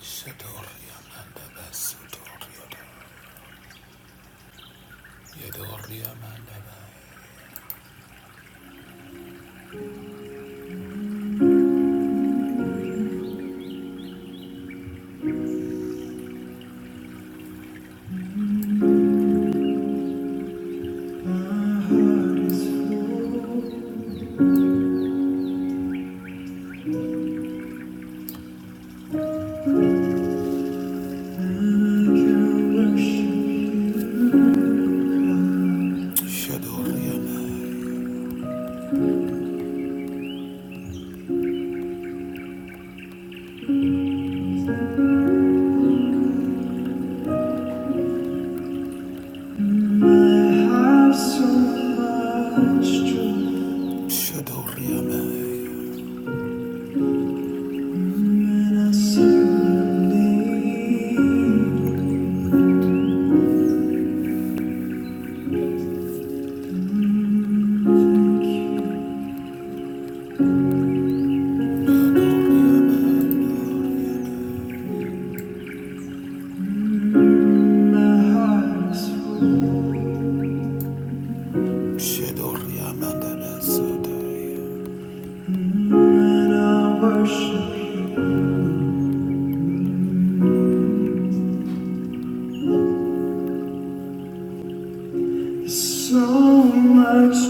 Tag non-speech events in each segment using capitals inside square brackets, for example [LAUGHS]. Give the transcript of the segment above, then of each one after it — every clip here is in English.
So much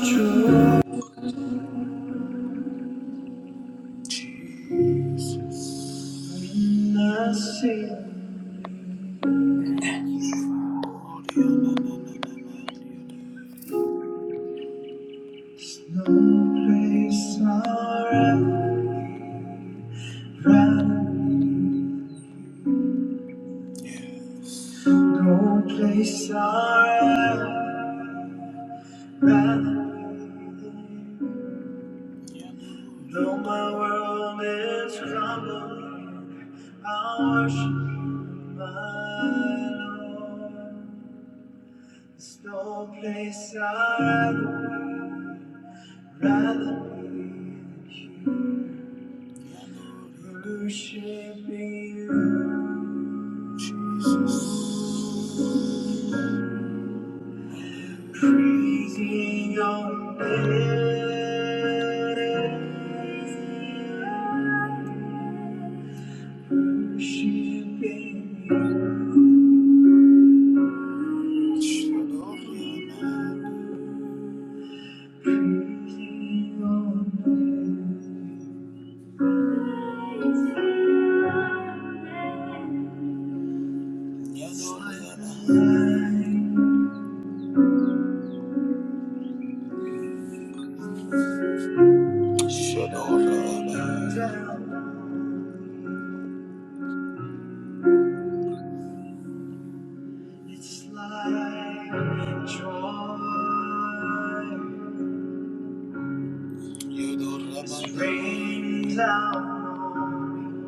joy, I see. Thank you, Father. There's no place I'd rather Rather, no place I am. Rather, though my world is crumbling, I'll worship my Lord. There's no place I'd rather be, rather be than here, worshiping you, Jesus, praising your name. Rain down on me.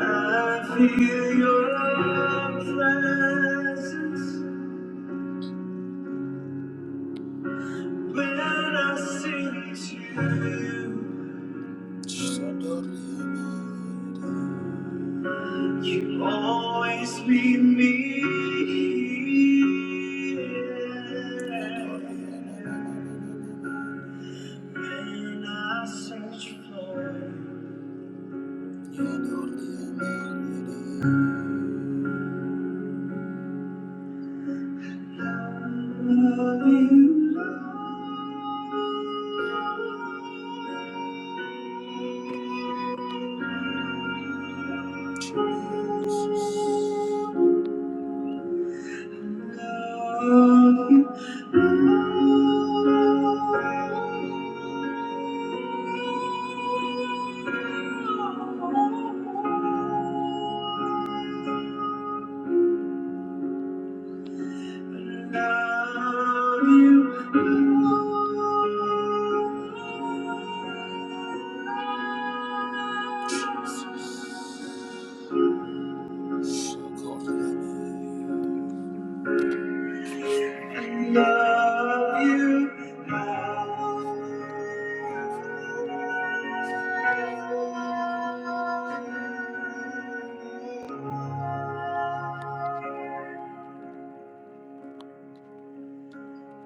I feel your presence. When I sing to you, you always meet me here. When I search for love, you love you, love you, love you. Love you, how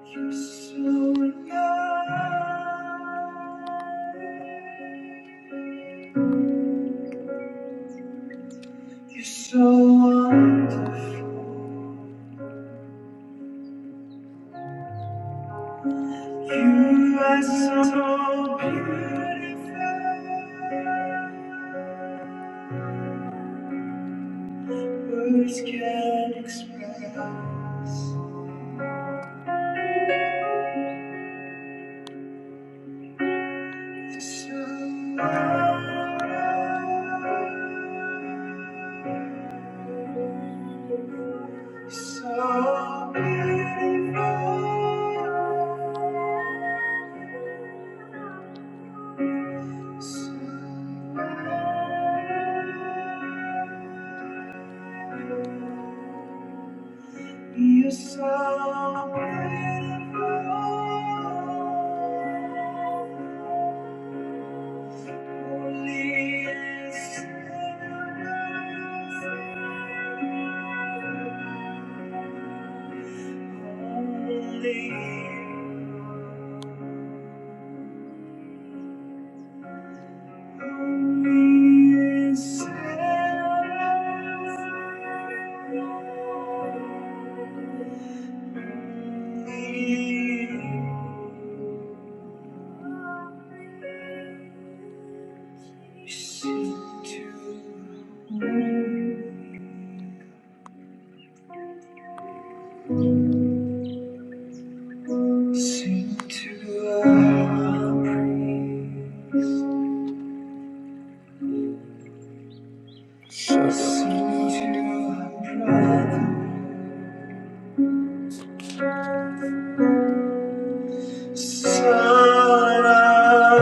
you're so good. You're so wonderful. You are so beautiful. Words can't express. It's so wonderful. So beautiful. So. You're so beautiful, Only is Only only is holy. Sing to, sing to our praise. Just you, brother, Son of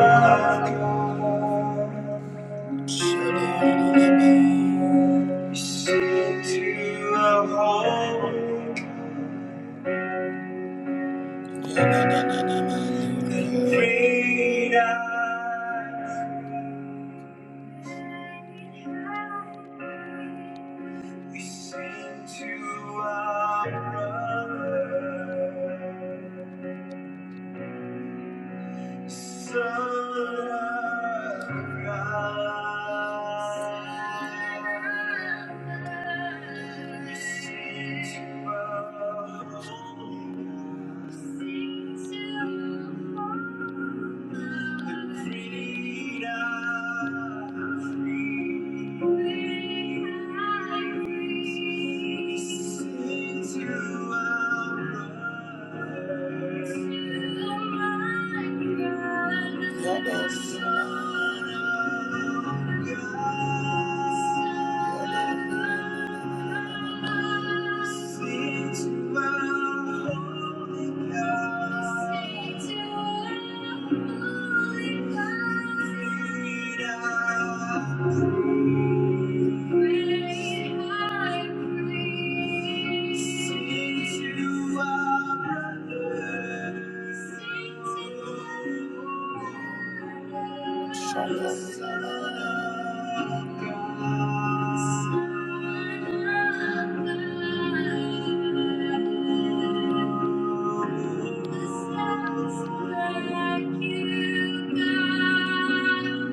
God, sent to a home, freedom. We sing to our brother. Son of God. You sing to our hope, the great I Freedom. Great high priest. Sing to our brother. Sing to our brother. Shalom. Son of God. Who stands like you, God?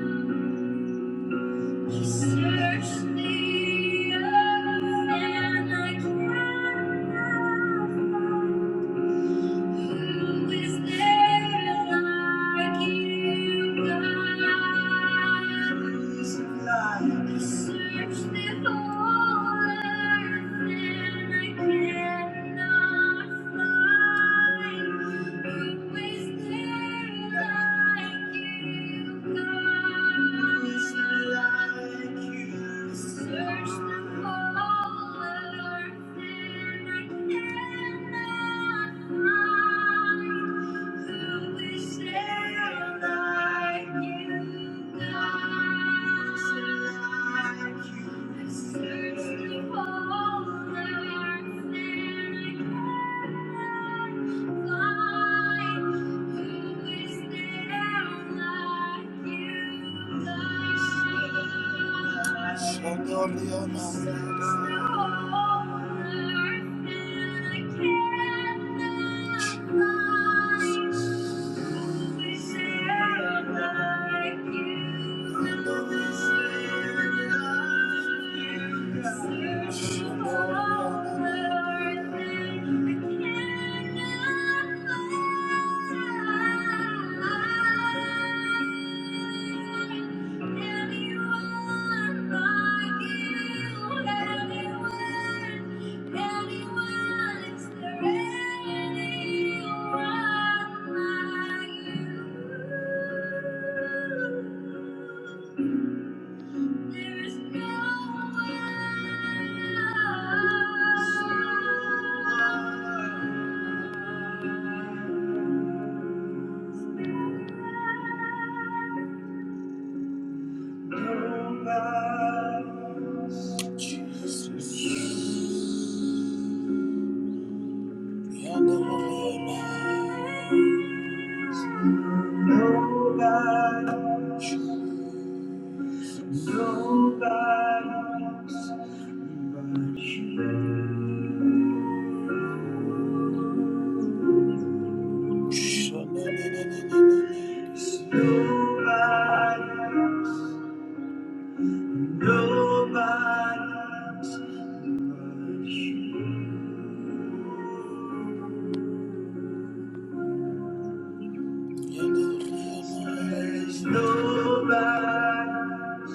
You search the earth and I cannot find. Who is there like you, God? He searched the whole earth and I cannot find. Who is there like you? Search the whole earth and I cannot Thank you. Anyone anyone, is there anyone like you? Nobody, nobody. There's nobody,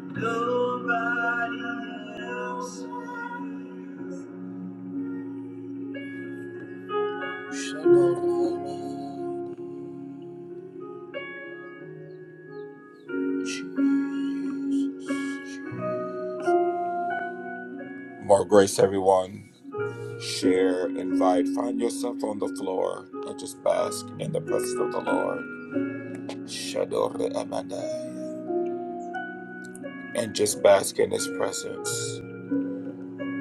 nobody else. More grace, everyone. Share, invite, find yourself on the floor and just bask in the presence of the Lord. Shadore Amandai. And just bask in his presence.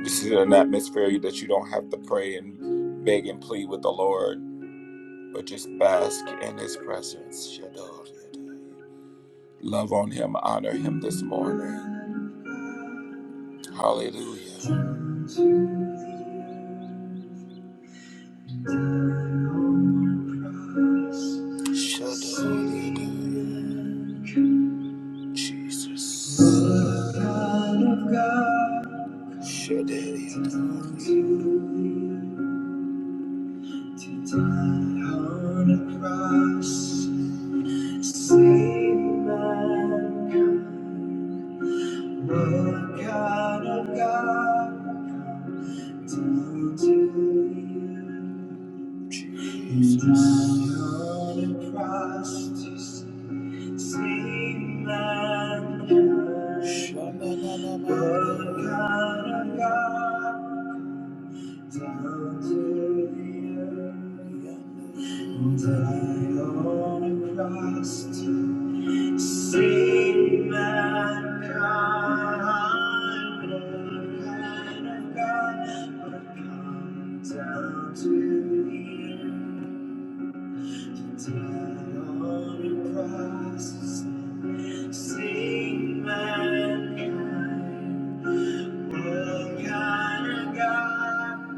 This is an atmosphere that you don't have to pray and beg and plead with the Lord. but just bask in his presence. Shador Yadai. Love on him, honor him this morning. Hallelujah. Shador Yadai. Jesus. Lord God of God? Down to you, Jesus. on the cross to save mankind. Shalom. Lord God of God, down to the earth, die on a cross to save mankind. Lord kind of God, but I've come down to the earth. Sing mankind. What kind of God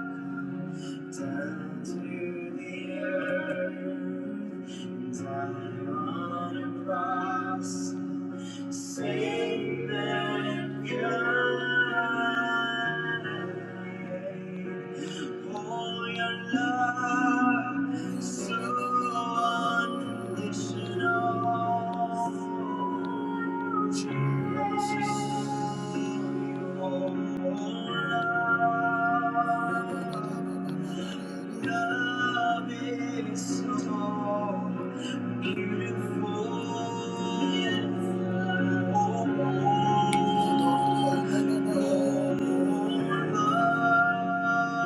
down to the earth, and died on a cross, saved mankind? Oh, your love so unconditional. Beautiful.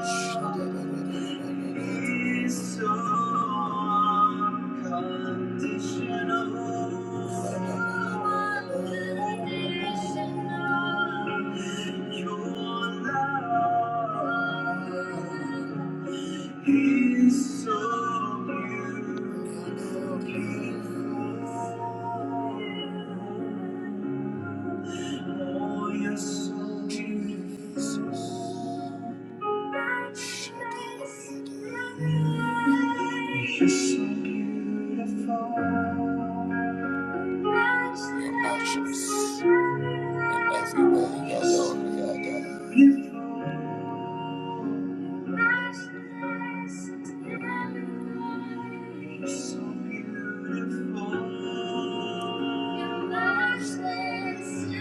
He's so unconditional. Your love is so beautiful. Oh, you're so beautiful. You're so beautiful. Matchless in every way. You're Lord, yeah, God. You're so beautiful. You're matchless in every way. You're so beautiful. You're matchless in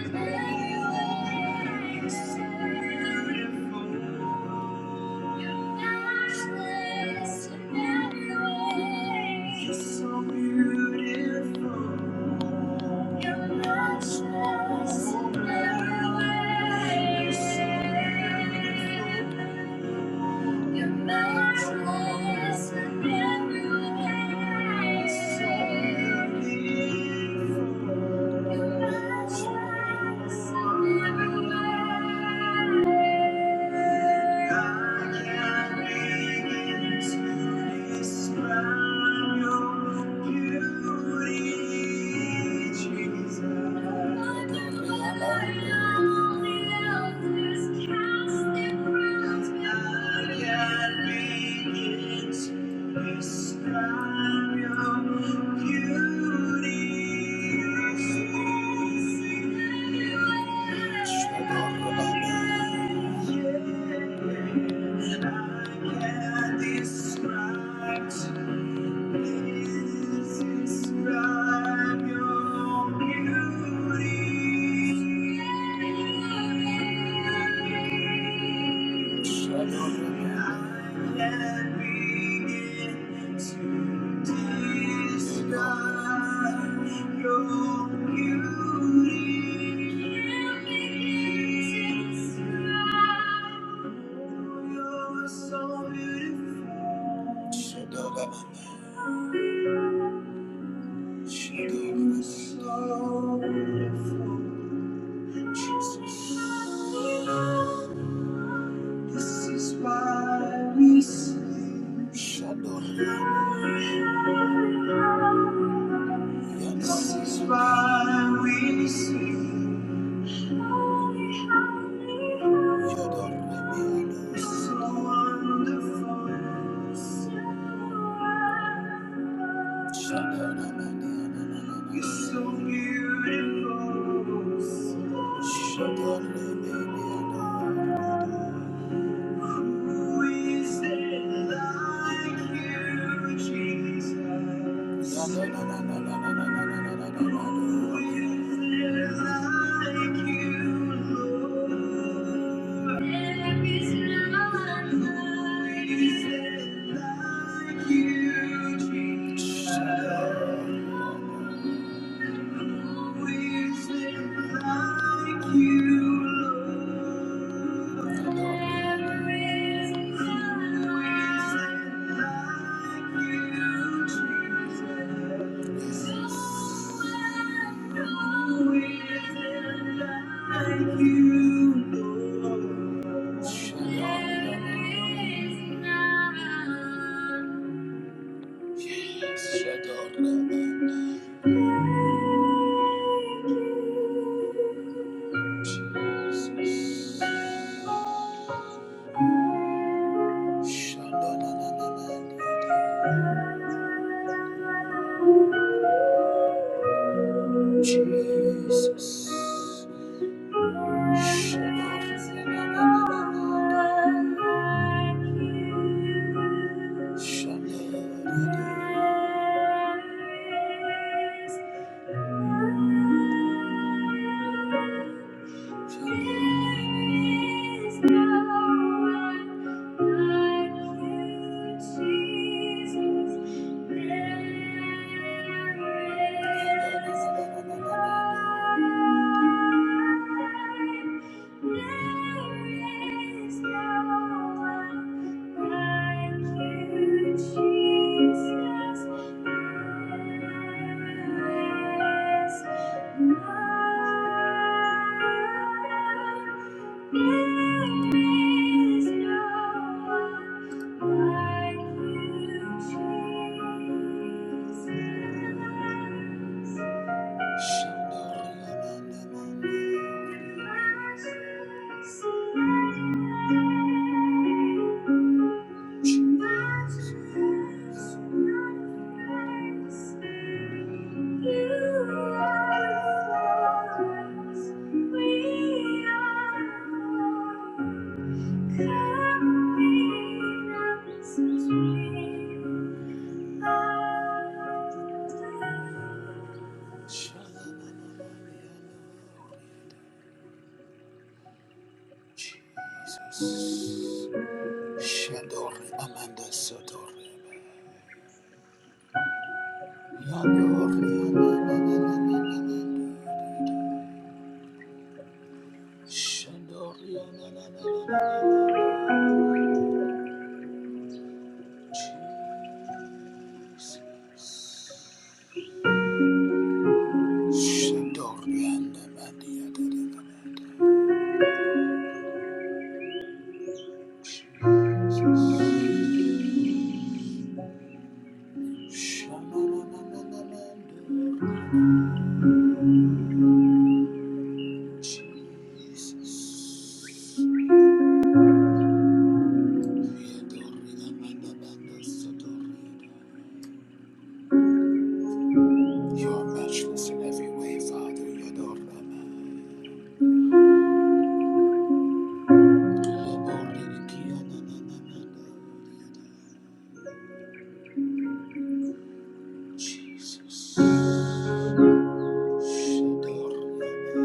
every way. You're so beautiful. Thank you. Describe your beauty. Describe your beauty. You're so beautiful. Shadababa. Shadababa. So beautiful. This is why we sing. Shadorabia. This is why we sing. Shadorabia. So wonderful. You're so beautiful. Who is there like you, Jesus? Who is there like you, Lord? There is none like you, Jesus. Jesus. Jesus. Shut up. There is no one. Thank you, Jesus. Yes, there is no one like you, Jesus. Shadori Amanda Sotori. Yadori Amanda. Shadori Amanda. Shadori Amanda. You are matchless in every way, Father. Yadorama. Jesus. Shadorama.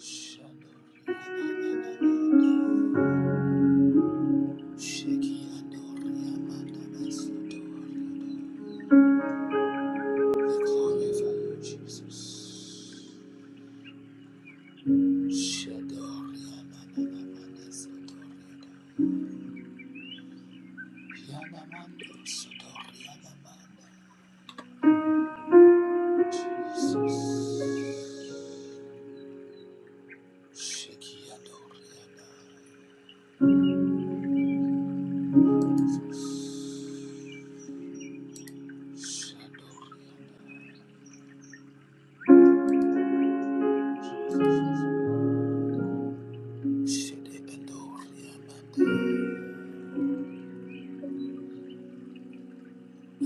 Shadorama. Shekiyadorama. We glorify you, Jesus. We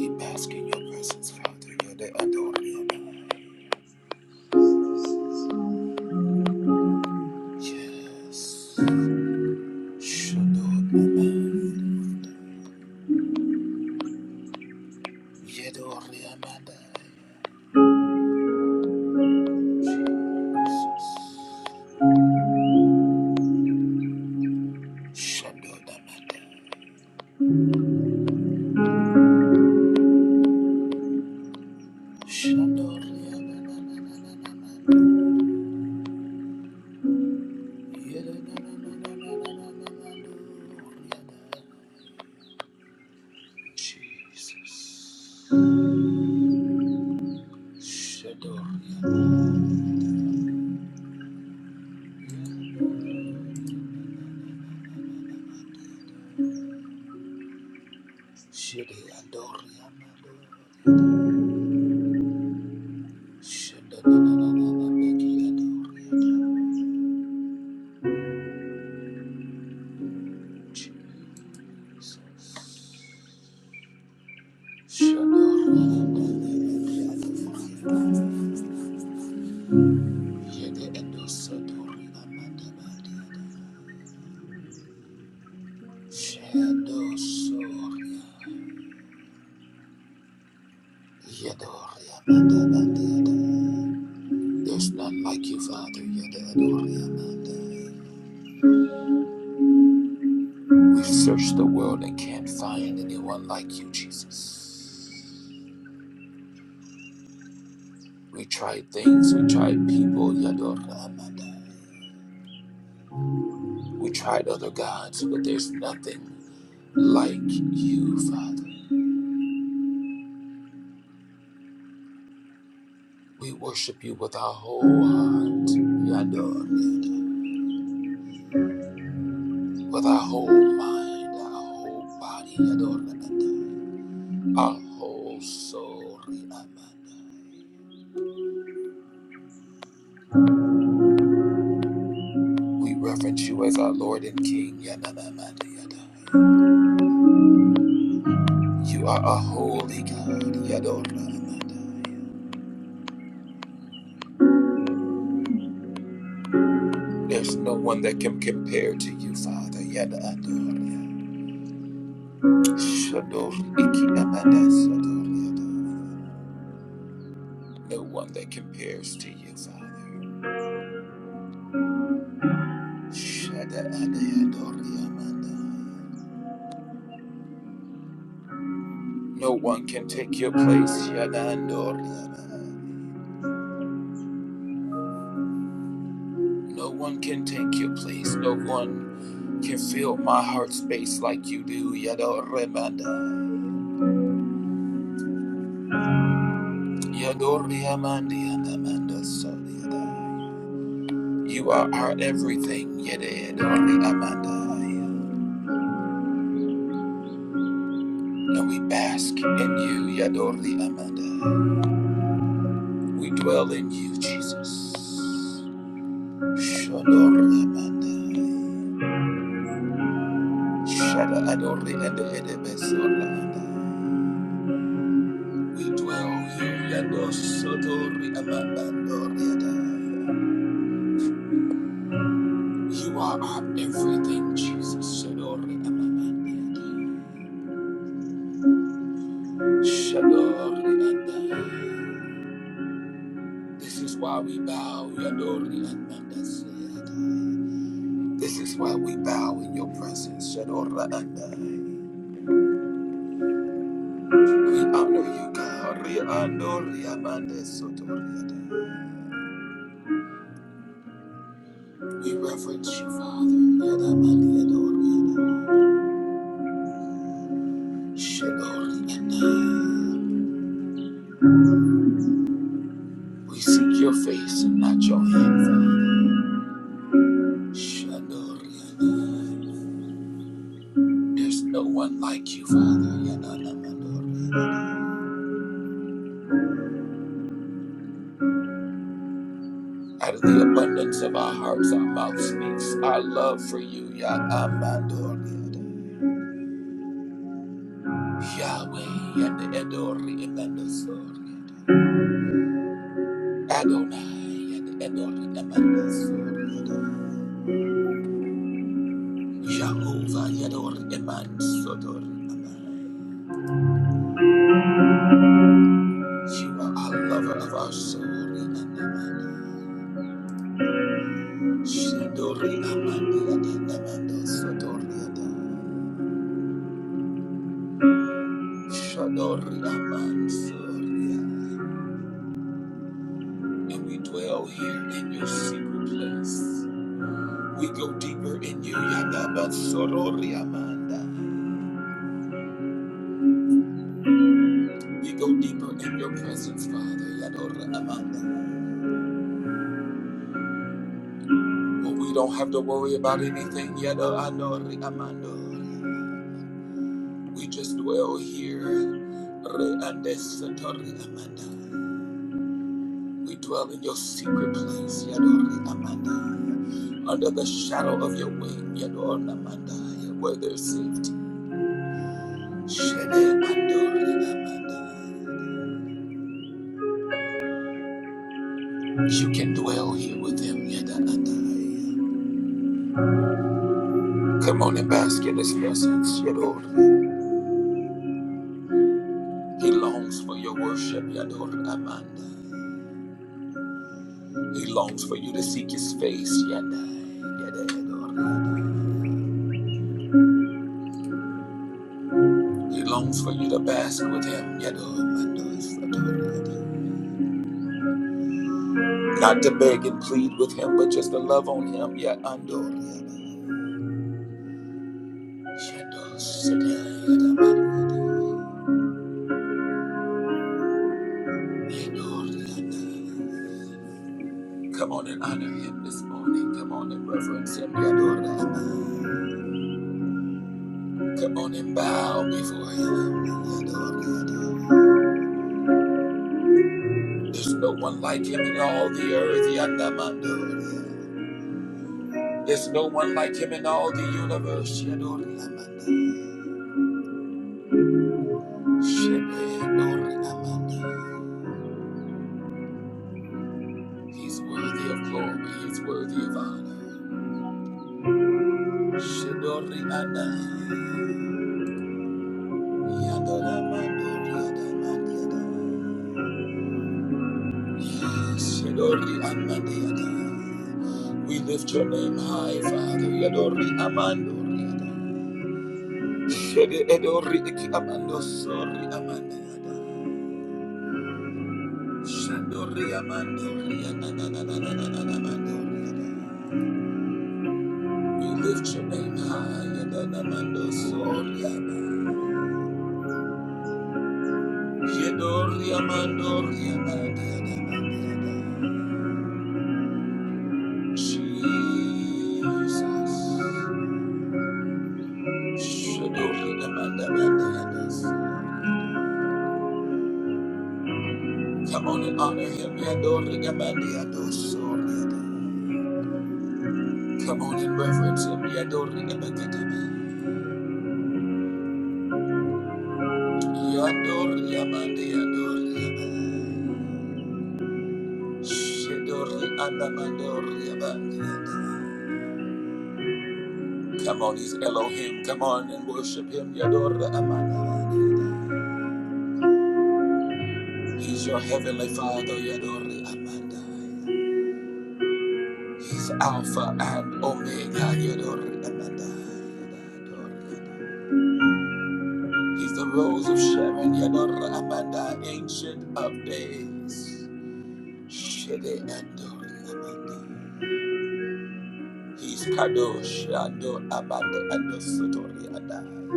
bask in your presence, Father. Yada adoriana. Yes. Shadorama. Yadoriamada. Shadorama. Shadorama. Jesus. Shadorama. Shede Adoriana, Shede Adoriana, Shede Adoriana, Shede Adoriana, Shede Adoriana. There's none like you, Father. Yede Adoriana. We searched the world and can't find anyone like you, Jesus. We tried things, we tried people, Yador Amanda. We tried other gods, but there's nothing like you, Father. We worship you with our whole heart, Yador, Yador. with our whole mind, our whole body, Yador, Yador. our whole soul, Yador. We reverence you as our Lord and King, Yador, You are a holy God, Yador, There's no one that can compare to you, Father, Yador. Shadow Iki Amanda Sadoriada. No one that compares to you, Father. Shada Adayadori Amanda. No one can take your place, Yada Andoriada. No one can take your place. No one can fill my heart space like you do, Yadori Amanda. Yadori Amanda Amanda Sadiada. You are our everything, Yadori Amanda. And we bask in you, Yadori Amanda. We dwell in you, Jesus. Shadori Amanda. Shada Adori and Edebesori Amanda. We dwell you, Yadosotori Amanda. You are our everything, Jesus. Shadori Amanda. Shadori Amanda. This is why we bow, Yadori Amanda. This is why we bow in your presence, Shadora and I. We honor you, God. We reverence you, Father. Shadori and I. We seek your face and not your hand, Father. Shadori and I. There's no one like you, Father. Out of the abundance of our hearts, our mouth speaks our love for you, Yadamandoria. Yahweh and Edori Emandosori Adonai and Edori Emandosori Jehovah Yador Eman Sodori Amai You are a lover of our soul and Amanda Shadori Amanda and Amanda Sodori Adai Shadori Aman Sori Adai. And we dwell here in your secret place We go deeper in you Yadaba Sorori Amanda We go deeper in your presence, Father. Yador Amanda. When we don't have to worry about anything, Yador Ador Amando. We just dwell here. Re Andes Sator Amanda. We dwell in your secret place, Yador Amanda. Under the shadow of your wing, Yador Amanda. Where there's safety. Shede Andor Amanda. You can dwell here with him, Yador Adai. Come on and bask in his presence, Yador He longs for your worship, Yador Amanda. He longs for you to seek his face, Yadai, Yadai, Yador Amanda. He longs for you to bask with him, Yador Amanda, Yador Amanda. Not to beg and plead with him, but just to love on him, Yador Yador Yador Amanda, Yador Amanda. Come on and honor him this morning. Come on and reverence him, Yador Amanda. Come on and bow before him, Yador Amanda. There's no one like him in all the earth, Yandamando. There's no one like him in all the universe, Yadoramanda. He's worthy of glory, he's worthy of honor. Shedoramanda. Yandoramando, Yes, Shedoramanda, We lift your name high, Father. Yadori Shede edori eki amando sori amanda yada. Shandori amando ria na na na na na na na na mando yada. We lift your name high yada na mando sori ama. Yedori amando ria manda yada manda yada. Jesus. Shadori amanda manda yada. Come on and honor him yadori amanda yada sori yada. Come on and reference him. Yadori abakatabe. Yadori abande yadori abande. Shadori abamandori abande Come on, he's Elohim. Come on and worship him. Yadori amanda. He's your heavenly father. Yadori amanda. He's Alpha and Omega. Yadori amanda. Yadori. He's the rose of Sharon. Yadori amanda. Ancient of days. Shede ando riamando. He's kadosh ando abando ando sotori adai.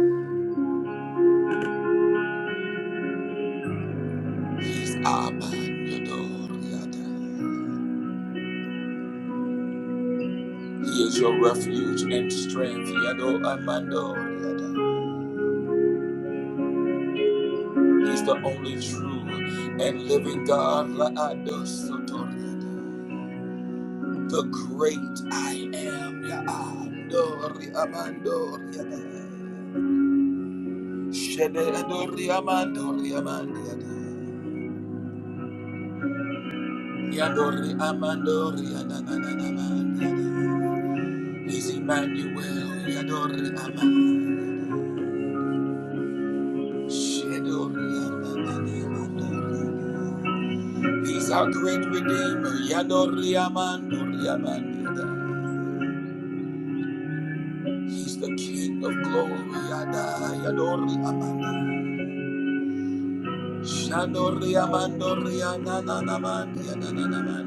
He's aman yodori adai. He is your refuge and strength yado amando riadai. He's the only true and living God laado sotori adai. The great I am yaando riamando riadai. Shede ando riamando riamando Yadori Amandori Adananamanda. He's Emmanuel Yadori Amandori. Shedori Adananamandori. He's our great redeemer Yadori Amandori Amandada. He's the King of glory Yada Yadori Amanda. Shandori Amandori Adananamandi Adananamandori Ada.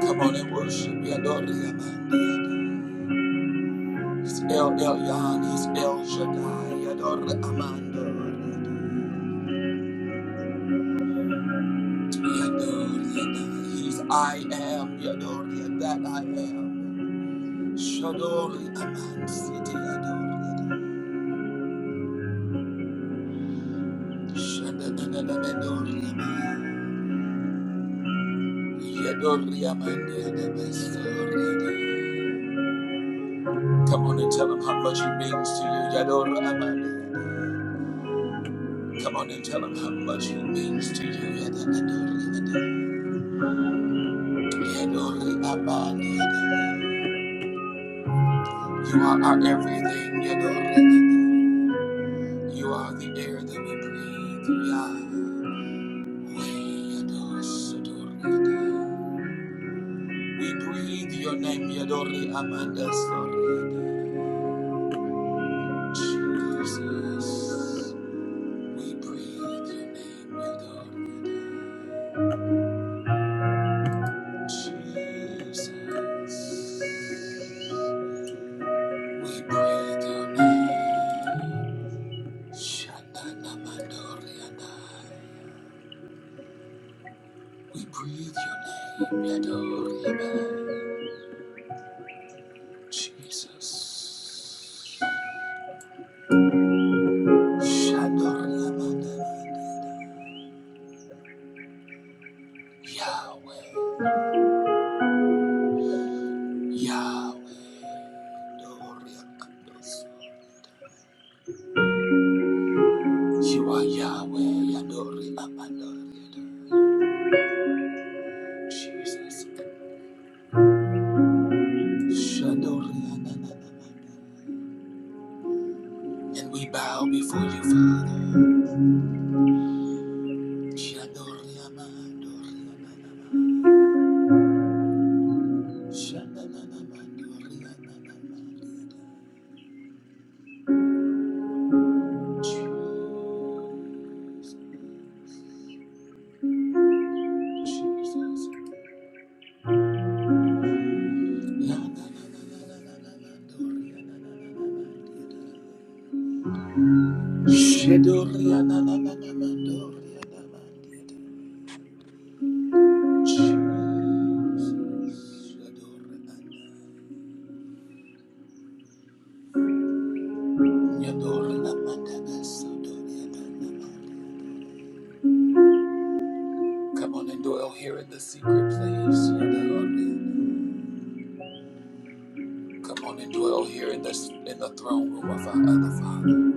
Come on and worship Yadori Amandori Ada. It's El Elyon, he's El Shaddai, Yador Amandor, Yador Yadai, he's I am, Yador Yadai, I am, Shador Aman, City, Yador Yadai, Shadadadadadador Yaman, Yador Yaman, Yadabasor Yadai. Come on and tell him how much he means to you, Yador Aman. Come on and tell him how much he means to you, Yadadadador Yadai, Yador Aman, Yadai. You are our everything, you know. You are the air that we breathe. Yah. We adore, so We breathe your name, Yadori Amanda Soriada. Jesus. We breathe your name, Yadori. Jesus. We breathe your name. Shanda Namandoriana. We breathe your name, Yadorima. Jesus. Shadoriamanda. Yahweh. Yahweh. Doriakandos. You are Yahweh, Yadorima. Jesus. Shadoriamanda. And we bow before you, Father. Shadoriamanda. Come on and dwell here in the secret place. Come on and dwell here in this in the throne room of our other Father.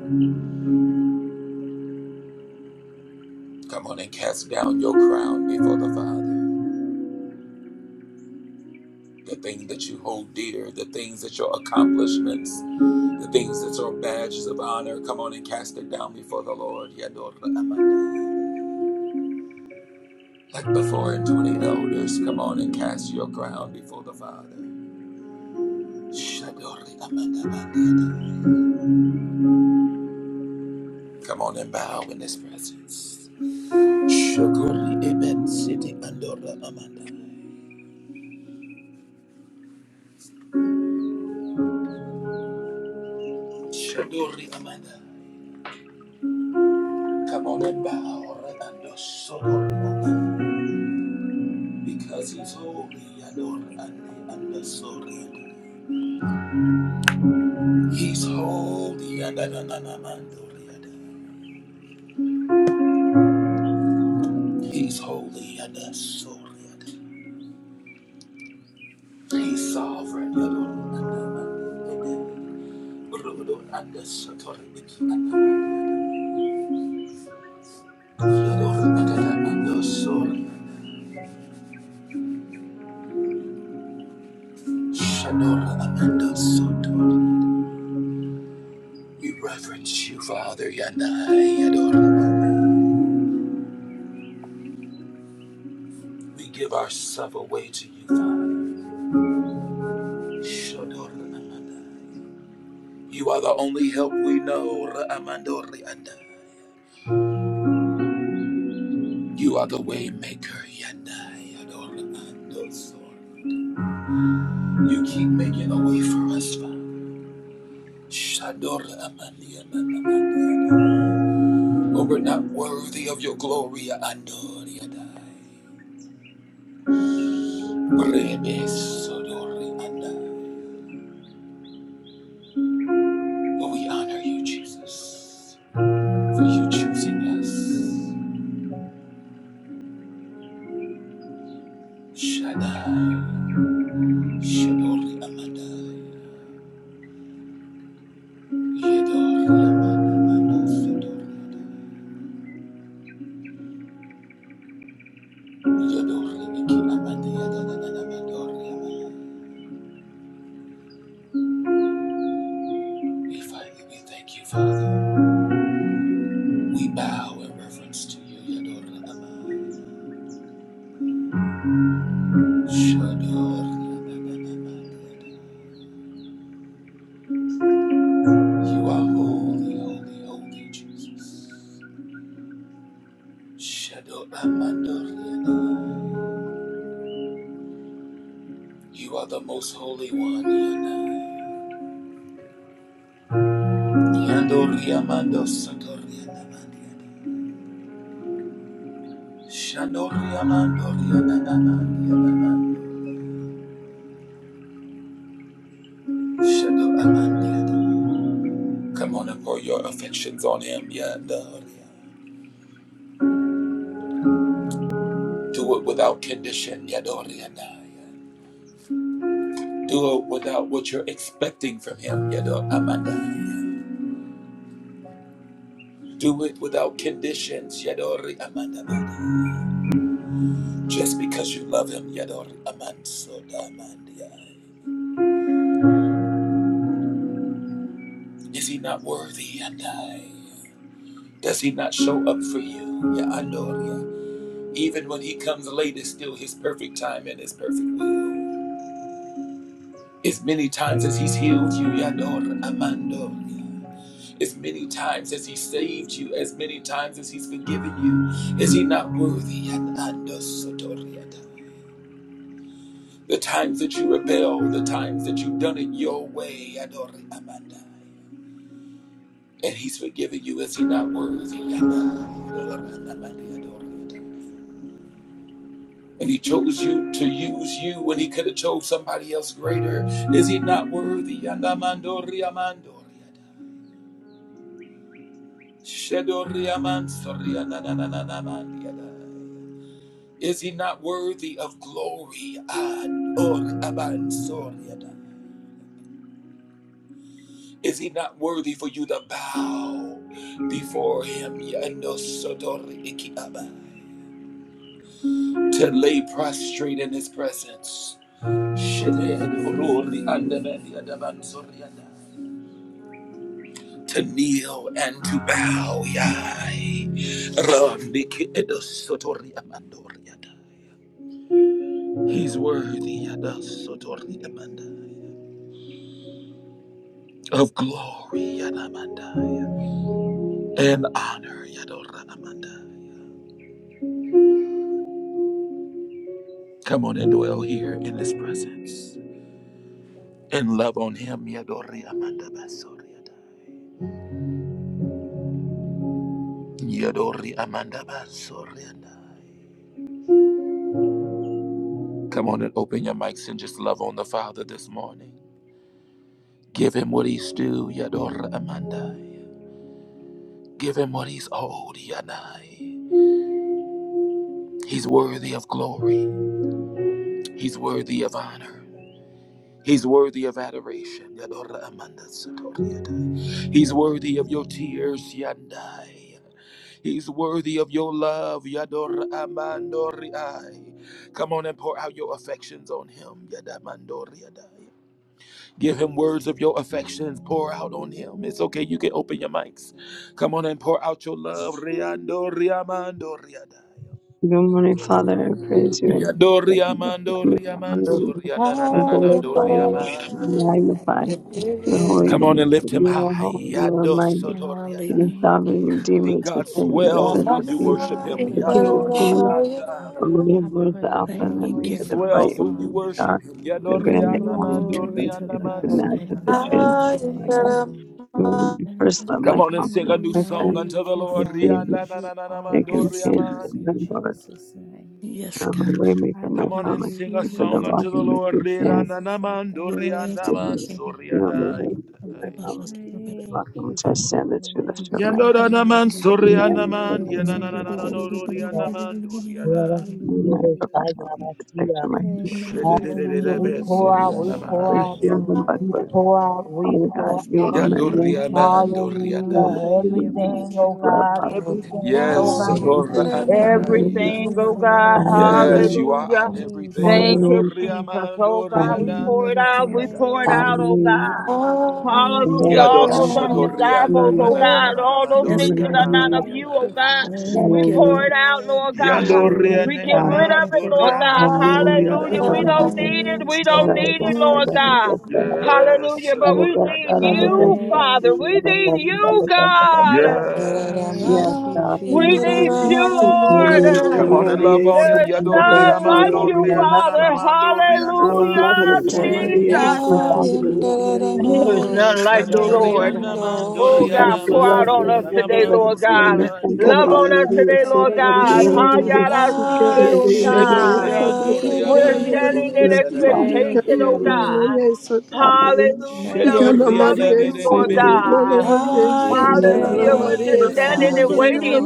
Come on and cast down your crown before the Father. The things that you hold dear, the things that your accomplishments, the things that your badges of honor, come on and cast it down before the Lord. Yador Amanda. Like the four and twenty elders, come on and cast your crown before the Father. Shador Amanda Amanda. Come on and bow in his presence. Shaguri Eben City Andorra Amanda. Shadori Amanda. Come on and bow. and Sodori Because he's holy. Yador and Andi Anda Sori. He's holy. Yadananamandori Yada. He's holy. Yada Sori Yada. He's sovereign. Yadori Anda Amanda. Rodori Anda Sotori Iki Anda. Yadori Anda Amanda Sori. Shadori Amanda We reverence you, Father. Yadai Yadori We give ourselves away to you, Father. Shodor Amanda, You are the only help we know. Raamandoriandai. You are the way maker. Yandai, Adoramandosor. You keep making a way for us, Father. Shador Amandi Amanda, But we're not worthy of your glory. Andoriandai. Remesodoriandai. But we honor you, Jesus, for you choosing us. Shaddai, Shador Amadai, Yedor Amadamanosodor Yador Iki Amadayadadadamador Yamadai. We find you, we thank you, Father. We bow in reverence to you, Yador Amadai, Shador Amadadamadai. You are holy, holy, holy, Jesus. Shador Amador Yadai. You are the most holy one, Yadai. Yandoria mando sotoria namandia. Shandoria mandoria namandia. Shando amandia. Come on and pour your affections on him, Yandoria. Do it without condition, Yandoria. Do it without what you're expecting from him, Yador Amanda. Do it without conditions, Yadori Amanda. Just because you love him, Yador Amanso Amandia. Is he not worthy, Yandai? Does he not show up for you? Yeah, I know it, yeah. Even when he comes late, it's still his perfect time and his perfect will. As many times as he's healed you, yeah, I know it, Amando. yeah. As many times as he saved you, as many times as he's forgiven you, is he not worthy? Yeah, I know, Sotori, yeah. The times that you rebel, the times that you've done it your way, Adori Amanda. And he's forgiven you, is he not worthy? Yeah, I know it, Amanda, Adori, yeah. I know it. And he chose you to use you when he could have chose somebody else greater. Is he not worthy? Is he not worthy of glory? Is he not worthy for you to bow before him? To lay prostrate in his presence. to kneel and to bow. Yai. Randiki edo sotori amandori yadai. He's worthy yada sotori amandai. of glory yada amandai, and honor. yadora amandai. Come on and dwell here in his presence and love on him. yadori amanda basori yadai. Yadori amanda basori yadai. Come on and open your mics and just love on the Father this morning. Give him what he's due, Yador Amandai. Give him what he's owed, Yanai. He's worthy of glory. He's worthy of honor. He's worthy of adoration, Yador Amanda Satoriadai. He's worthy of your tears, Yandai. He's worthy of your love, Yador Amandoriai. Come on and pour out your affections on him, Yadamandoriadai. Give him words of your affections. Pour out on him. It's okay. You can open your mics. Come on and pour out your love. Riando, riamando, riadai. Good morning, Father. I praise you. Yando, I worship riamando, you I honor riamanso, you. Broken, I riananananando, glorify you I riamai. magnify your holy Come on and name. lift him You are high. holy, you are Yando, mighty. soto, You are riadai. Hallelujah. Thank sovereign, you, Father. See, redeemer, God sustainer, the swells prince when of you Yes, peace, worship Lord, I him. the love Hallelujah. king you, of Yado, Bless you, kings, Lord. the riamandai. Father. lord I of lords, the praise alpha your and the Thank He you, holy omega, the Father. name, bright swells when and you morning Father. worship star, him. the Yado, grand I am, Glory the to rianamando, Holy Glory you. Ghost, to Jesus, God. the I rianamanso, Nazareth, Thank the you. magnify your rianamai. Trinity, my God. name, Lord. You are the first love, Come my on and sing a confidant, new Glory. my song friend, unto Thank the you, my Lord. Father, savior, Rianda because na na you na na are my my mando Yes, companion, God. source and my in Lord. riamandi. Jesus' name. Yes, You're my God. I waymaker, my Come on need and promise you, sing a keeper, Lord, the song in Hallelujah. the rock unto the in name which of Lord. we stand. Rianda Jesus. na I mando thank Yes, rianda You're man you. yes, yes. my soriana. waymaker, my promise keeper, the rock Thank in which you, I Father, stand, the in the you lift name of of my Yando na head. na man Jesus. You are soriana man. Glory Yana everything na na that na to I na have God. no rianda Hallelujah. man Let doriana. us You are give my us Hallelujah. provider, God, my let us see protector, us. my healer, my Thank Shede you, de de de Hallelujah. Father, de We for be pour being out, my we soriana pour my strength, out, man. shield Lord. and we buckler. pour out, we Father God, pour Yes, you out. are my Yando rock Thank riamando you, Father, rianda. and for Hallelujah. being proven my which Everything, is oh love, joy, God, Father Lord. God. Yes, everything, oh Yes, Thank hallelujah, God, you, Father. adora Jesus. Thank Hallelujah. andai. everything, you, oh God. Father, for Yes, Hallelujah. being you my Hallelujah. are peace, everything. Thank you, Hallelujah. Lord. Jesus. Oh God, we Hallelujah. pour it out, we pour it Yadoriamandorianandamandiadai. out, Thank oh you, Hallelujah. God. Hallelujah. Father God, in the Hallelujah. Amen. All name God, those of undesirables, hallelujah. Jesus. oh Hallelujah. God, all those Yes, things that God. are not Hallelujah. of Thank you, oh you, God, Yadoshatoriananananananamandoriamandiadai. Father. we Thank you, pour Lord. Hallelujah. it out, Thank Lord you, God. lifter Yes, Oh, We of get God. God, burden. rid of it, Lord Lord. God. Hallelujah. Hallelujah. Good of We Lord, Yadorianenamandoriamansoriadai. it in don't the now, need it. name Lord. of We don't need it, Lord Jesus. Yes, God. God. Yes, Hallelujah. But we need Shadoriadai. you, Hallelujah. Father. Thank you, We need Lord. you, God. Yes, Yes. Thank you, God. We Ye Jesus. need Maria, you, speak, We need Lord. Ila Come you on and every love Maria, on There him. is second of the Sabbat, God. none day, Lord like God. We you, are Lavaria, Father. nothing. We are Hallelujah, Yadoriamandorianananamandorianamandiadai. nothing Icanana Yende Thank Maria, you, Jesus. speak, without Father. Ila you. Lavaria, Yes, There is Glory none to like you, God in Lord. the Shandoriana name of Oh Without mandoriana God, your pour Jesus. love, out I we on us thank mandana you, today, nothing but a Lord Father. God. clean mandoriana symbol, Love Icanana Father. on us Yes, Maria, mandoriana today, Lord Sabbat, God. Thank you, Lavaria, Father. I Hayara love Sica, you Ere so much, Maria, sikirota. Lord. Shedorian Sata, Parigala, We're doriaman standing Yes, Lavaria, in Thank soriana you, God. Thank expectation, Icaia, you, oh mandoriana Hallelujah. Lord. God. Maria, Sata, Hallelujah. We're Thank Icana Hallelujah. you, loving Shedoriana Maria, you, Father. Lord bebe Hallelujah. Sica, God. coriana Lavaria, man Hallelujah. soriana Hallelujah. Sicana We're Thank just you, Maria, mandana standing Sina, and Father. Lavaria, waiting.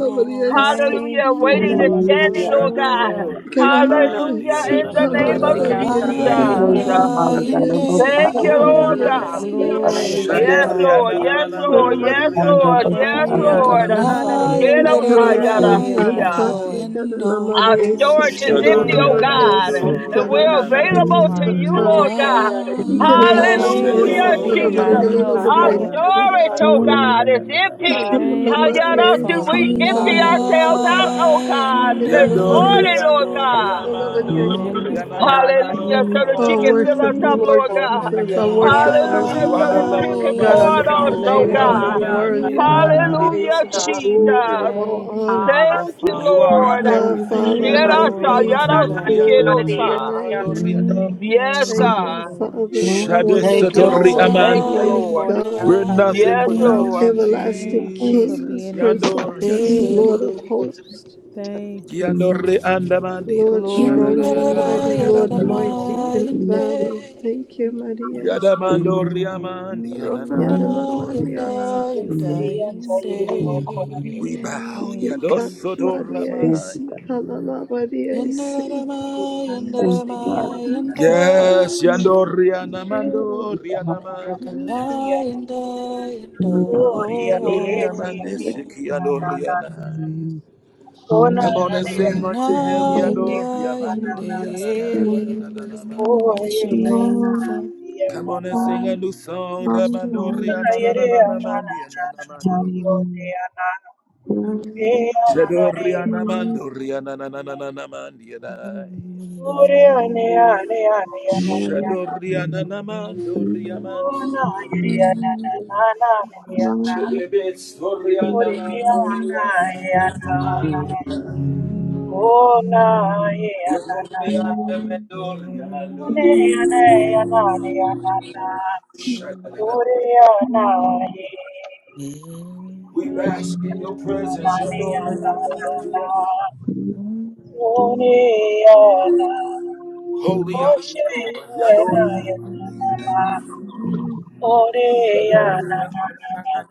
आपके Hallelujah. Thank you, ये Waiting रे Lavaria, and Lord. Yes. standing, Hallelujah. oh God. Hallelujah. Hallelujah. Shandoriana ना Hallelujah. diana ये Galamariasi, In the और name तेरे of क्या था ये mandoriana Galamariasi, Thank रे ये Praise Hallelujah. the Jesus. Father God. Galamariasi, Abosa Thank O you, ना Lord ना abadaraga, God. ये Galamariasi, ना रे Glory abadaraga, या to Yes, Lord. God. Shandoriana abadaraga, Yes, Galamariasi, Lord. Yes, Galamariasi, abadaraga, mandoriana Lord. abosa Yes, उसकी mandoriana या Thank Lord. या you, ना abadaraga. रे Father. mandoriana Galamariasi, Galamariasi, रे Thank you या ना for Praise being the my God. Galamariasi, Yerosayarasia. joy. Rokanayandaramayandayando. Our Galamariasi, Galamariasi, Galamariasi, Galamariasi, storage Galamariasi. I see, is तेरे empty, oh nobody I Thank you God, see, for Shadorianamando and got being my an we're ना ना strength, amadi I available to Father. you, Riananandere. O thought Lord था God. ये रे he can ओ an phone amadi आते Randaramo. Thank you है I for Hallelujah, thought being of a my Jesus. regular Shadoriamando आ health, nobody था Our I ये Lord. see, storage, साथ oh Rianananando तेरे God, is he empty. come Rianananando on a Thank madi you, I Hayarasi, Riadai. said, we Father. but आ I empty get Hallelujah. Glory to ourselves nobody out, I God. oh see, God, get Yokanayando. this an amadi I morning, said, Yandoriando Lord but I God. get Riamando nobody I I see. magnify ना your ना Rianananando Hallelujah. name, So that ओ I you Father. can Rianaman. fill I worship us you, up, thank Lord Lord you, God. Lord. और Jesus. या I या worship you. Hallelujah. You So are the that ना you lover can of our God, I I pour lift it on your us, exalt soul, oh your name up. holy God. You're Gloria Riandaman Yandaramayando. name, worthy of all Father. a praise, Hallelujah, Rianananando. of all Dios. glory, of Jesus. all Thank you, honor. Abba, Thank you, Aleluya. You Father. are our Lord. Ah, everything. Father, I thank Glory you. to Na, Yerasa, Yadoriamando na, na, God. na, Glory de to your Dios, yarosikerosa. Señor, Rianananando name. de Riadai. Dios. Yes, Thank Thank you, you, God. Lord. Thank you, God. Thank Father. Thank you, Wonderful Shadesatori Lord. Savior, Thank you, Amanda. mighty Lord. Gloria God, We're a nothing Dios. Yes, without Lord. you, Yokanayandayande. everlasting Thank you for King, Jesus. being Prince of Yandor everything yada. to Peace, Señor, me. de Lord of Dios, Gloria hosts, Thank you, Yandor re Father. andaman Lord Glory strong to and God. Yandara yananananador mighty, yada. Lord a yarama Dios. mighty Hallelujah. in yande, battle. Thank you, Maria. Thank Yadamandor you, Lord. yaman rokana Yanana yananananador yanda Maria. yana. Thank you Gloria yanda a for Dios, peace, yande. Gloria a Dios. Lord. We bow Thank Ikana you, yadosotor Jesus. Maria. rama you, yada. God. Isikana Maria. Yandarama Gloria a Thank yandarama Dios. you, Thank you. yando, Yes, Yes. yandor yanamandor yanaman yada. rokana yanda yando. Gloria a Yandor Dios, Señor, yaman de Dios. desiki Na, yandor na, yana. na. Oh, na, Come on na, and sing Rokana unto him, you. yanda yandor na, na, yamandor yande, na. Yes, God. yananananadanaman. Oh, Oh, bless your name, God. Come on and sing a new song. Bless your Ramandoria name, na na na na na mandia na na mandoria. Shadoria na God. mandoria na na na na na na mandia na. Thank Shadoria na na God. mandoria man. Shedebets doria na mandoria na mandia na. Yogoria na mandoria mando. Shadadada. We bask in your presence, your glory, you. Holy are you, Lord. Your glory.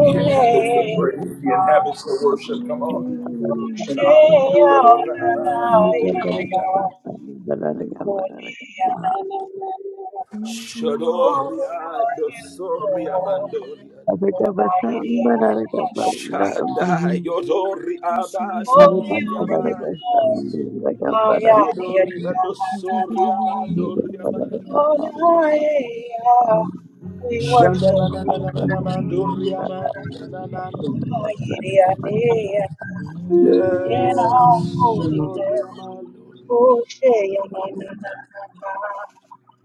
He inhabits the praise. He inhabits the worship. Come on and honor him. Yadorabba, Shadoriado Soriabandoria. Oh, Shaddai Yodori Holy are you, Abandoriabai. Lord. Yedoriado Soriamandoriabai. Ayaniranana. We worship you. Thank Yes, Shandananananamandoriabai. Ayirianeana. Yes. Yes. Yes. Yes. In all you. holiness. Shadoriamandoriabai. Oshayananana.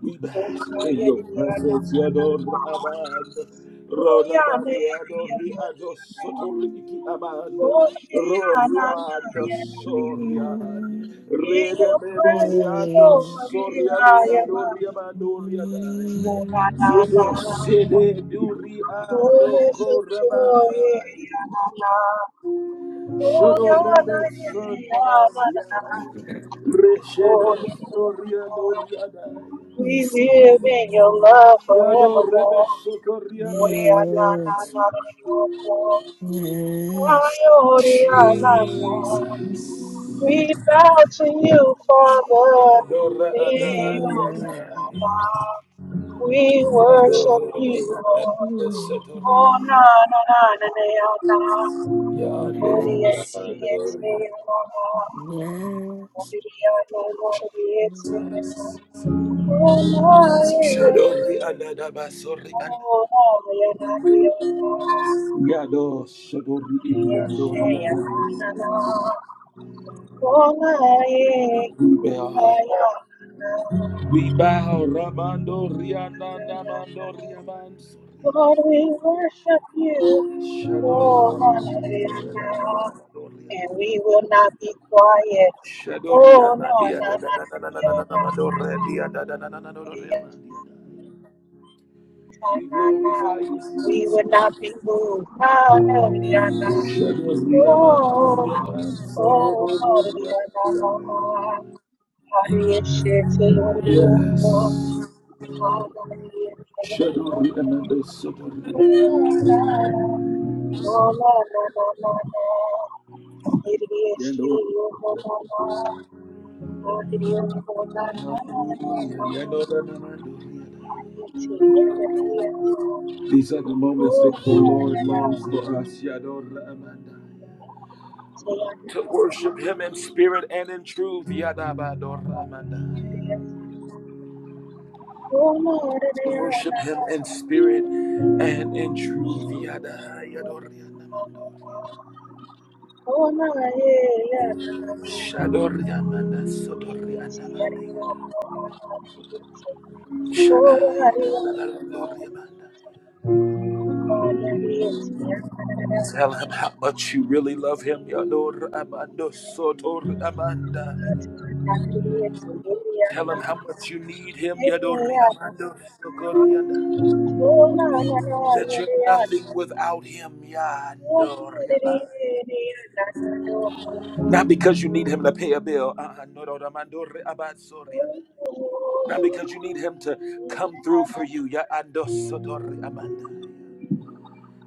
We bask in your Okayarianana. presence, Yador Abad, Oyaneyanariana. Rodabandiado Riado Sotoriki Abad, Oshayananayana. Roriad Soriad, In your Redemedo presence, Riado Lord, I am Soriadeado Riamando full Riadai, na na Yede na. Sede Duriado Fullness of joy, Corabandai, ya na na. Oh Shodo ya na Rebe ya na na. Sonamandiai, Oh Reshede ya na. Soriado Riadai. We live in your love Yado rebe forevermore. Yes. sokoria Oh na yeah, na na mandiada. Yes. na na na. Oh ya na na Jesus. na. We bow to you, Father. Yadora Eh, oh, na, adabadiada. na, na. We Yado worship lori you, Lord. adabade setori. Oh, na, na, na, na, na, ya, na. Ori, Yado ya, shi, ya, yado te, yado. ya, na, na. Yes. Ori, e, ya, na, na, ri, ya, te, ya. Oh, na, Shadori eh. adadaba sori Oh, adaba. na, ya, na, ri, ya, na. Yado shadori Ori, ya, shi, ya, na, na, yado. na. Oh, na, eh. We bow. Ah, ya, na. na. We bow. Ramando riana namando riaman sori. Lord, we worship you. Shadori Oh, adaba. Manariana. Shadori adaba. And we will not be quiet. Shadoria Oh, no, no, Mandia no, da da da da no, da da no, da da da Madoria da da da da da da Doria no. Mandia We glorify you, We will Jesus. not be moved. Manariana. Shadoria Oh, Mandoria oh, Mansoroboria. Manariana. Hari Shete Yes. Yodiyoko. Hari Shete Shadoria Yodiyoko. Mando Sodoria. Yandoria. Hallelujah. Yadora Mandoria. These are the moments that the Lord longs for us. Yadora Amanda. To worship Him in spirit and in truth. Yadabadora Amanda. to worship him in spirit and in truth. Yada, yadori, anamandori. Oh, my, yeah, yeah, Shadori, anamanda, sodori, anamanda, yada. Shada, yada, yada, yada, yadori, amanda. Tell him how much you really love him. Yador Amando Sotor Amanda. Tell him how much you need him. Yadori Amando Sokorianda. That you're nothing without him. Yadori Thank Amanda. Not because you need him to pay a bill. Uh-uh. No, no, no, man, do re- about sorry. Not because you need him to come through for you. Ya ando so amanda.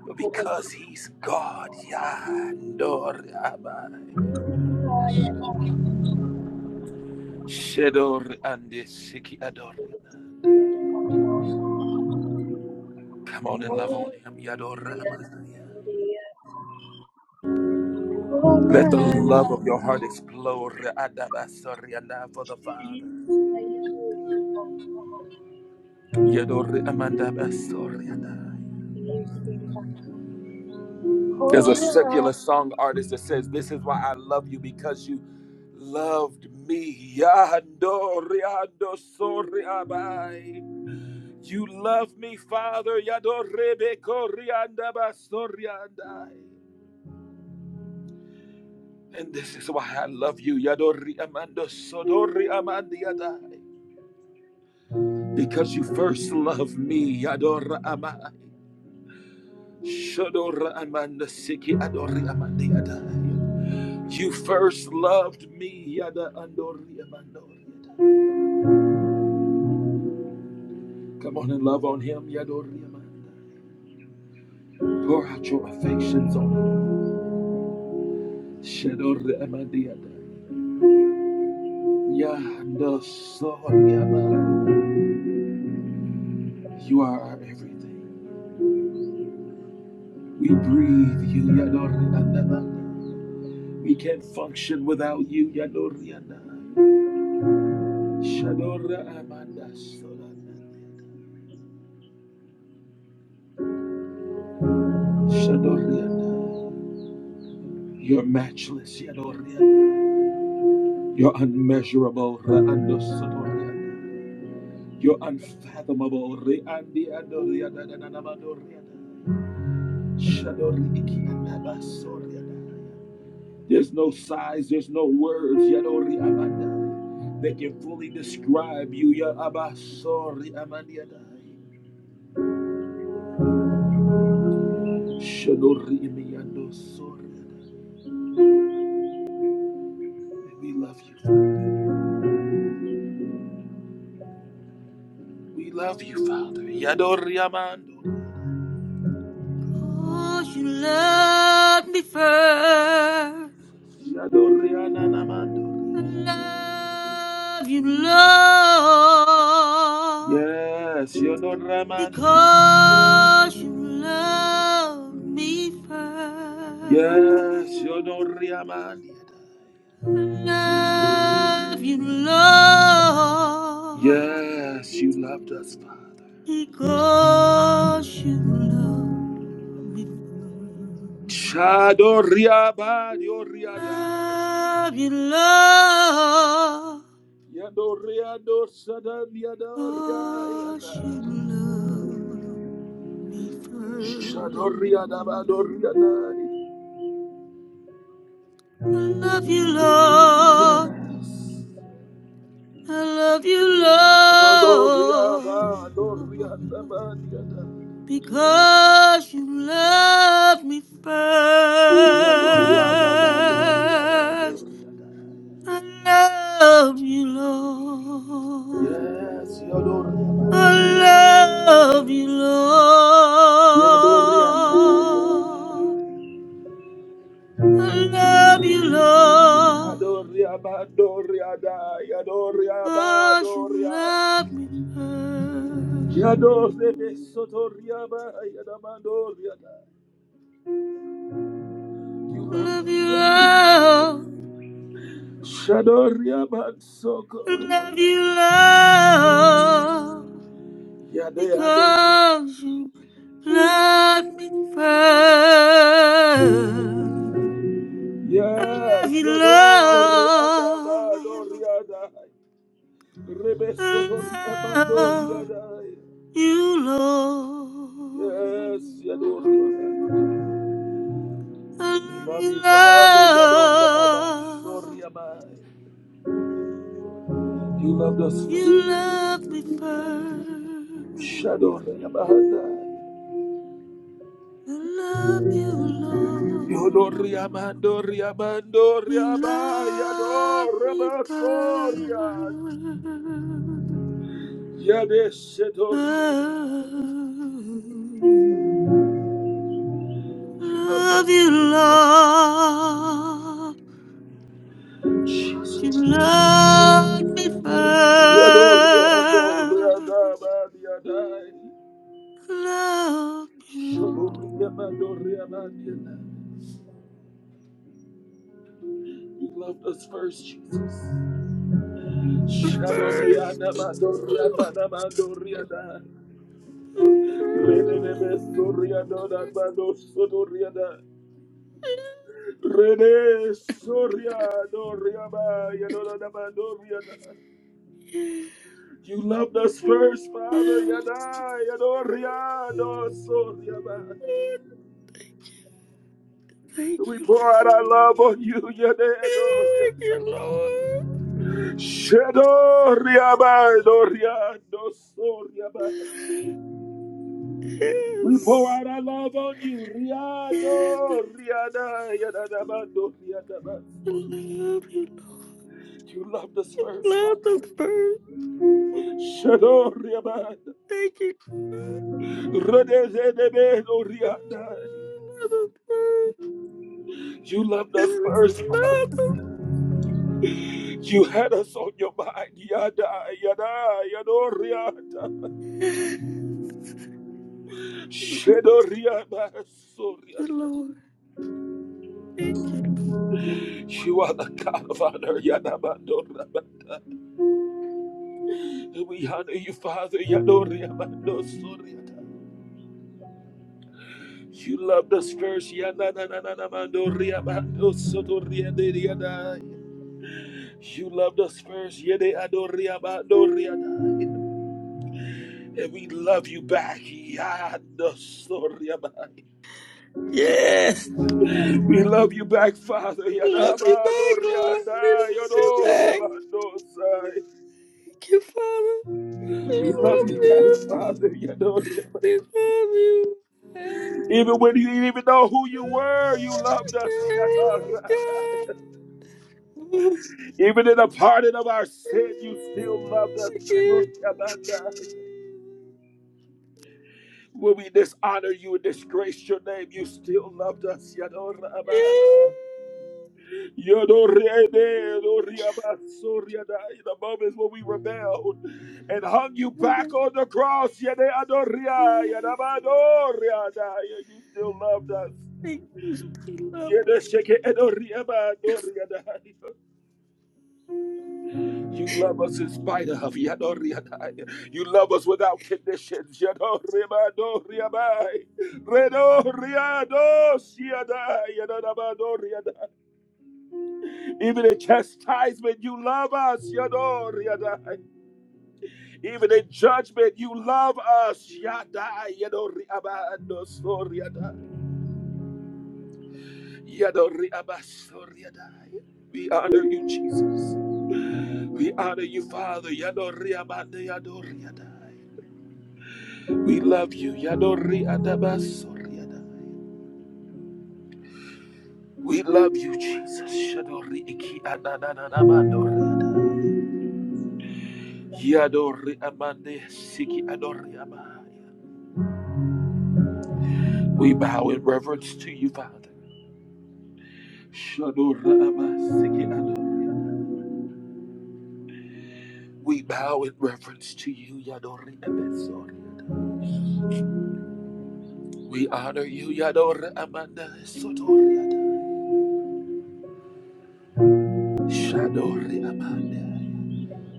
But because he's God. Ya ando abai. Shedo ande siki adore. you. Come on and love on Oh, him. Ya yeah, amanda. yeah. Oh, Let the my. love of your heart explode re- adaba sorry, anda, for the Father. Ya amanda ba anda. There's Oh, a yeah. secular song artist that says, This is why I love you because you loved me. Yando, riando, sorry, abai. You love me, Father. Yado, rebeko, rianda, basori, andai. And this is why I love you. Yado, riamando, sodori, amandi, adai. Because you first loved me. Yado, raamai. Shodora, amanda, siki, adori, amandi, adai. You first loved me. Yada andoria mandoria. Come on and love on him. Yadoria manda. Pour out your affections on him. Shadoria mandiada. Yandosoria manda. You are our everything. We breathe you. Yadoria andamanda. We can't function without you. Yadoria nda. Shadoria amanda. Shadoria nda. You're matchless. Yadoria nda. You're unmeasurable, Re'ando You're unfathomable, Re'andi Ando Riada da da da ba do so There's no size, there's no words, Yadori Amanda, that can fully describe you, Ya Abasori We love you. We love you, Father. Yadori Amando. Cause you love me first. Yadori Ananamando. love you, Lord, Yes, Yadori because you love me first. Yes, you know Yonoriamandi. I love you, Lord, Yes, you loved us, Father. because you love me first. Chado Chadoriaba, Yoriadai. Love you, Lord, Yadoriado, Sadan, because you Yadoriadai. love. me Chadoriadaba, firm. Doriadai. I love you, Lord. I love you, Lord. Rodoriaba, Doriadaba, Yadai. Because you love me Yadoriadaba, Doriaba, first. Doriadai. I love you, Lord. Yes, I Yadoriaba, love you, Lord. Yadoriaba. I love you, Lord. Adoria Badoria Dai Adoria Cause you Badoria love me first. Yadore Besotoria Yadamandoria You love Love you, me. love. Shadoria Love Bansoko you, love. Yade Adoria Because you love me first. Love Yes you, Yadoria love. Dabadoria Dai Rebesotoria Love Badoria Dai you, Lord. Yes Yadoria I We love love you, you Father Yadora love. Abasoria Bai You loved us first You loved me first. Shadoria Bahanda. I love you, Lord. Yodoria Mandoria Mandoria You Baya loved Dora me first. Basoria. Yadeshetoria. Oh, Give up love that you, first love. Lord. Jesus. You loved me Yadoria Doria first. Dabadia Dai. Love you, Lord. Shadoria Mandoria Mandia. You loved us first, Jesus. Shadoria Mandoria Mandoria Reneme Soria Dona Mano Sotoriana Rene Soria Doriama Yadona Mandoriana. You loved us first, Father Yana Yadoria no Soriama. Thank you, Lord. We pour out our love on you, Yade Doria. Thank you, Lord. Shedoriama Doria no Soriama. We pour Yes. out our love on you, Yes. Riado Riada Yadana I Mandoriana. love you. You loved us I first. Love Father. the bird. Shadoriaman. Thank you. I Rodezedebedoriadai. Love the bird. You loved us Yes. I first. Father. Love You had us on your mind. Yada, yada, yadoriada. the Thank Shadoriaman. you, Lord. Thank you, Lord. You are the God of honor. Yadabandoraba. we honor you, Father. Yadoriamandosoriada. You loved us first. Yada, na, na, na, na, mandoriamandosoriadai. You loved us first. Yede adoriaba adoriada. And we love you back. Yada soriaba. Yes. yes. We love you back, Father. We love you Yadaba back, Lord. We adoriada, love you back. yadoraba adosai. Thank you, Father. We We love love you you. back, Father. Yadoriaba. We love you. Even Yes. when you didn't even know who you were, you loved us. Yes, Shataraba. God. Even in the pardon of our sin, you still loved us. Thank Yadoriabada. you. When we dishonor you and disgrace your name, you still loved us. Thank Yadoraba. Yodorede, Yodoriabasoriada. In the moments when we rebelled and hung you back on the cross, Yede Adoria, you, Yadabadoriada. you still loved us. Yede lovers. Sheke Edoriaba Doriada. You love us in spite of Yadoriada. You love us without conditions. Yadoriba Doriaba. Redoriado Siada Yadabadoriada. Even in chastisement, you love us. Yadoriada. Even in judgment, you love us. We honor you, Jesus. We honor you, Father. We love you. We love you, Jesus. We bow in reverence to you, Father. We bow in reverence to you, Yadori Ebesoriada. We honor you, Yadori Amanda Sotoriada. Shadori Amanda.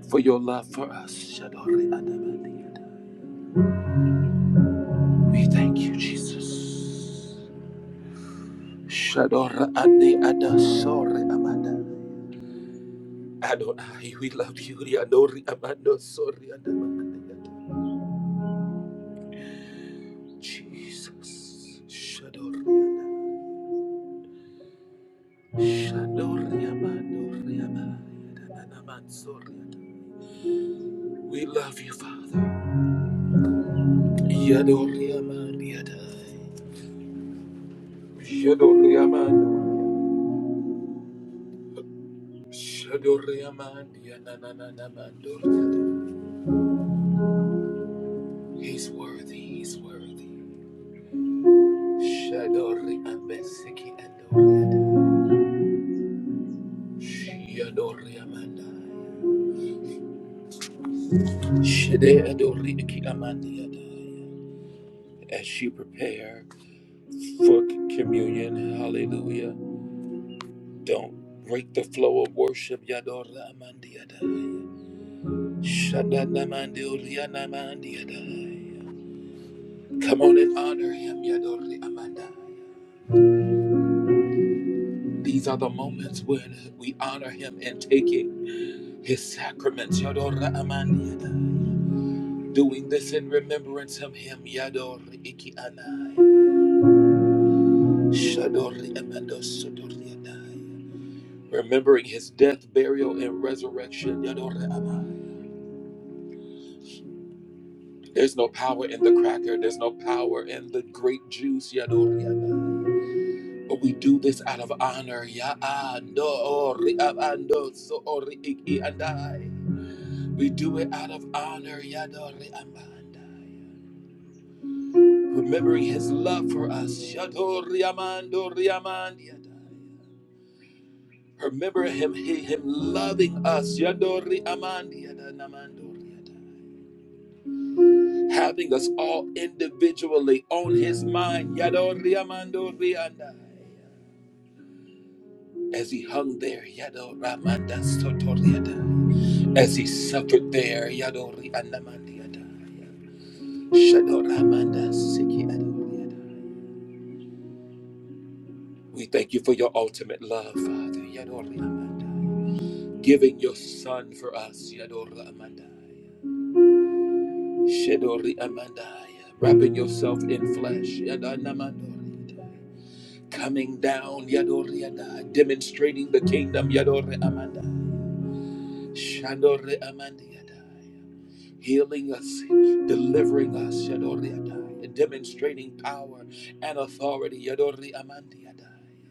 For your love for us, Shadori Adamanda. We thank you, Jesus. Shadora Ade Ada Amanda. Adonai, we love you, Yadori Amanda Sori Adamanda. Jesus. Shadori Adamanda. Shadori Amanda. Shadori Amanda. Sorry. We love you, Father. Yadoriamandiadai. Shadoriamando. Shadoriamandianananamandoriada. He's worthy, he's worthy. Shadoriambesiki andoriada. Shadoriamandai. Shadeadoriki amandiadai. As you prepare for communion, hallelujah, don't break the flow of worship. Yadoriamandiadai. Come on and honor him, Yadori Amandai. These are the moments when we honor him in taking his sacraments, Yadora Amandiadai. Doing this in remembrance of him, Yadori Ikianai. Shadori Amandosodoriadai. Remembering his death, burial, and resurrection, Yadori Amai. There's no power in the cracker, there's no power in the grape juice, Yadori Amai. We do this out of honor. Ya ando ori abando so ori iki andai. We do it out of honor. Ya amandai. Remembering his love for us. Shadori amando riamandi adai. Remember him, he, him loving us. Yadori amandi ada namandori adai. Having us all individually on his mind. Yadori amando riandai. As he hung there, Yado Ramanda Sotoriadai. As he suffered there, Yado Riandamandiadai. Shado Ramanda Siki Adoriadai. We thank you for your ultimate love, Father, Yado Riamandai. Giving your son for us, Yado Ramandai. Shado Riamandai. Wrapping yourself in flesh, Yado Namandoriadai. Coming down, Yado Riadai. Demonstrating the kingdom, Yado Riamandai. Shandore Amandiadai. healing us, delivering us, Yadori Adai, demonstrating power and authority, Yadori Amandi Adai,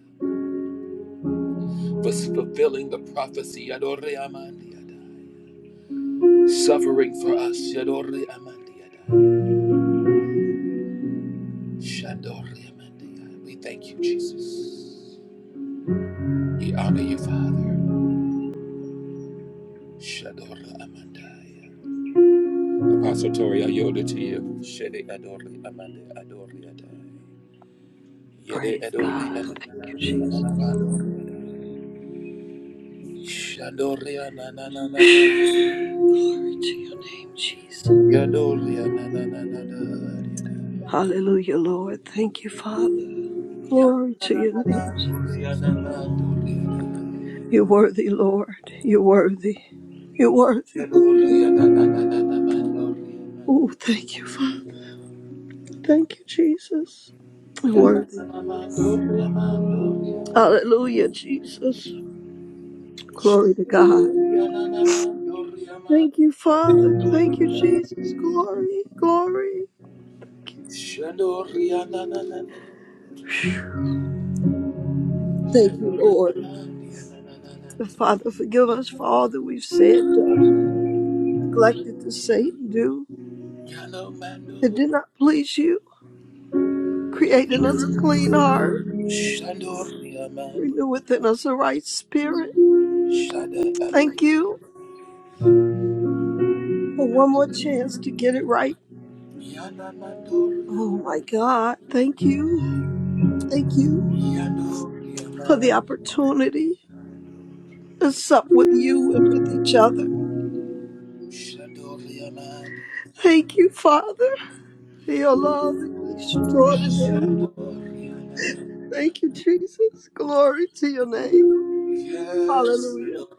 for fulfilling the prophecy, Yadori Amandi Adai, suffering for us, Yadori Amandi Adai, Shandori Amandi Adai. We thank you, Jesus. We honor you, Father, Shadori Amandai. Apostle Tori, I yield it to you, Shede Adori Amandi Adori Adai, Yede Praise God. Adori Thank Amandi you, Jesus. Adai. Shadoria na na na na na. Glory to your name, Jesus. Yadoria na na na na na. Hallelujah, Lord. Thank you, Father. Glory Yadoria to na your na na. name, Jesus. Doria na na. You're worthy, Lord. You're worthy. You're worthy. You're Doria worthy. na na. Yadoria na na na na na na. Doria na. Oh, thank you, Father. Thank you, Jesus. You're Yana worthy. na na na. Doria na. Doria Hallelujah, Jesus. Glory to God. na. Doria na na na. Doria na. Thank you, Father. Thank you, Jesus. Glory, glory. Shadoria na na na na. Thank you, Shadoria na na Lord. na na na. The Father, forgive us for all that we've said, done, neglected to say and do Yellow man, that did not please you. Create in us a clean heart, Shadoria man, renew within us a right spirit. Shadow Thank you for one more chance to get it right. Yanamatul, Oh my God, thank you. Thank you Yadol, for the Yaman, opportunity to sup with you and with each other. Shadol, Yaman, Thank you, Father, your love is extraordinary. Shadol, Yaman, Thank you, Jesus. Glory to your name. Yes, Hallelujah. Shadol,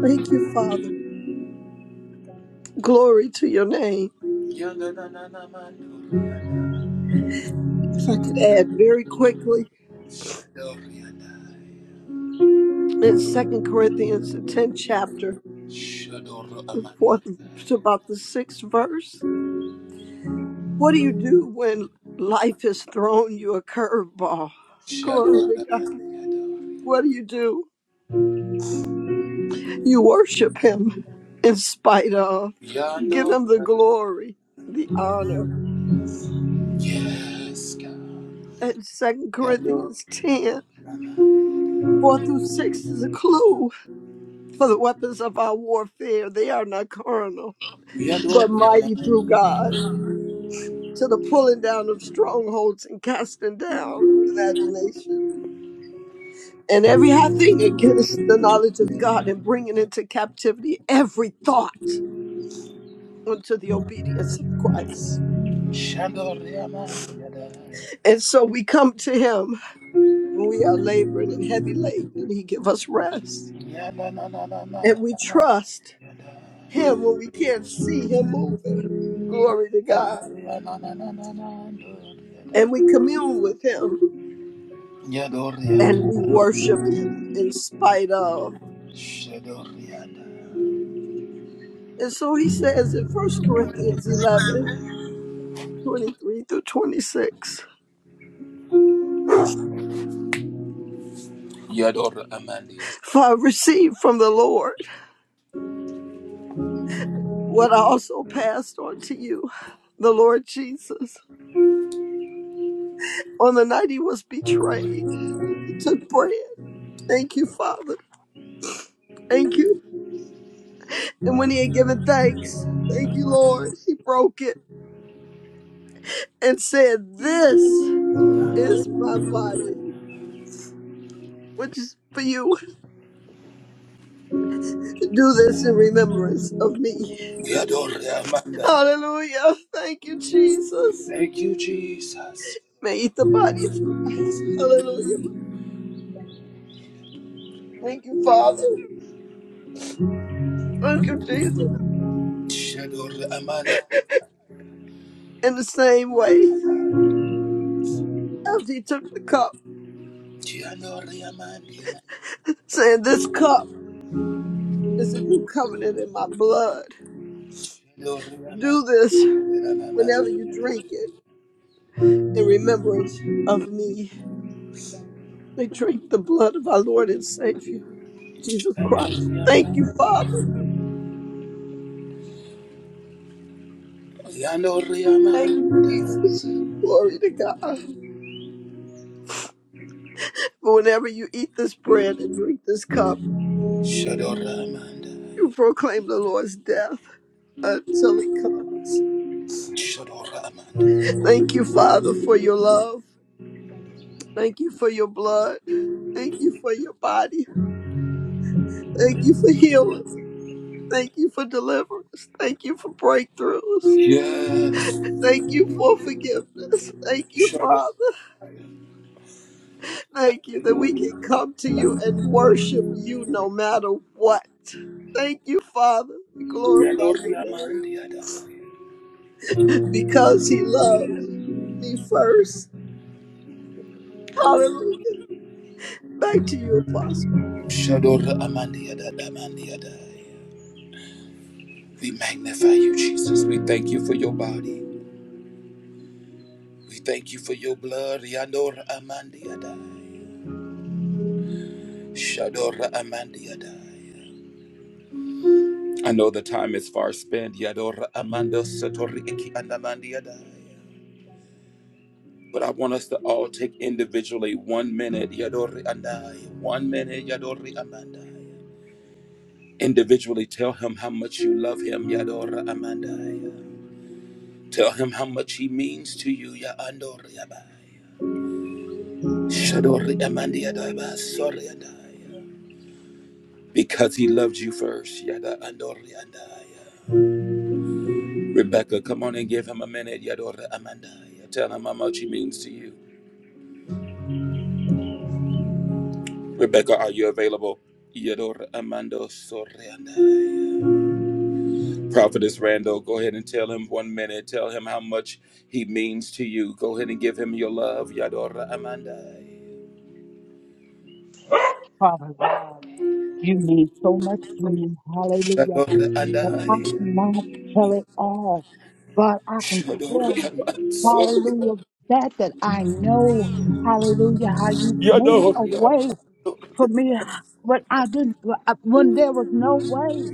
Thank you, Father. Glory to your name. Yanananamanul, Yaman, If I could add very quickly Shadol, Yaman, in Second Corinthians, the 10th chapter, Shadol, the Amanda, fourth to about the sixth verse. What do you do when life has thrown you a curveball? Glory Shadol, to God. What Yaman, do you do? You worship Him in spite of, you give Yadol, Him the glory, the honor. Yes, God, And Second yando Corinthians 10, 4 through 6 is a clue for the weapons of our warfare. They are not carnal but Yadol, mighty through Yaman, God to the pulling down of strongholds and casting down imagination and every high thing against the knowledge of God and bringing into captivity every thought unto the obedience of Christ. Shandoriama yada And so we come to him when we are laboring and heavy laden and he give us rest. yada na na na na na na And we na trust yada him when we can't see him moving. Glory to God. yadoria na na na na na yada And we commune with him and yadoria we worship him in spite of. shadoria And so he says in First Corinthians 11 23 through 26 yador amandia For I received from the Lord what I also passed on to you, the Lord Jesus. On the night he was betrayed, he took bread. Thank you, Father. Thank you. And when he had given thanks, thank you, Lord, he broke it and said, This is my body, which is for you. Do this in remembrance of me. yador amanda Hallelujah. Thank you, Jesus. thank you jesus May eat the body of Christ. Hallelujah. Thank you, Father. Thank you, Jesus. shador amando In the same way, as he took the cup, yadoria amandia saying, This cup is a new covenant in my blood. yadoria Do amandia this yadoria whenever you drink it in remembrance of me. They drink the blood of our Lord and Savior, Jesus Christ. Thank you, amandia Father. yadoria Thank you, amandia Jesus. Glory to God. For whenever you eat this bread and drink this cup, shador amanda you proclaim the Lord's death until he comes. shador amanda Thank you, Father, for your love. Thank you for your blood. Thank you for your body. Thank you for healing. Thank you for deliverance. Thank you for breakthroughs. Yes. Thank you for forgiveness. Thank you, Shadow. Father. Thank you that we can come to you and worship you no matter what. Thank you, Father. We glorify your Yadora name Amandiada. because he loved me first. Hallelujah. Back to you, Apostle. Shadora Amandiada Amandiada. We magnify you, Jesus. We thank you for your body. We thank you for your blood. Yadora Amandiada. Shadora Amandiada. I know the time is far spent. Yadora Amanda Satori Iki Andamandiada. But I want us to all take individually one minute. Yadori Andai. One minute. Yadori Amanda. Individually, tell him how much you love him, Yadora Amandaya. Tell him how much he means to you, Yaandoriabai. Shadori Amandiadaba, Soriadaya. Because he loved you first, Yada Andoriandaya. Rebecca, come on and give him a minute, Yadora Amandaya. Tell him how much he means to you. Rebecca, are you available? Yadora Amando Soriandaya. Prophetess Randall, go ahead and tell him one minute. Tell him how much he means to you. Go ahead and give him your love. Yadora Amandai. Father God. You mean so much to me. Hallelujah. Yadora But I Andai. cannot tell it all. but I can tell, Shadori Amansori. hallelujah, that that I know, hallelujah, how you made a Yadori way Amansori. for me when I didn't, uh, when there was no way.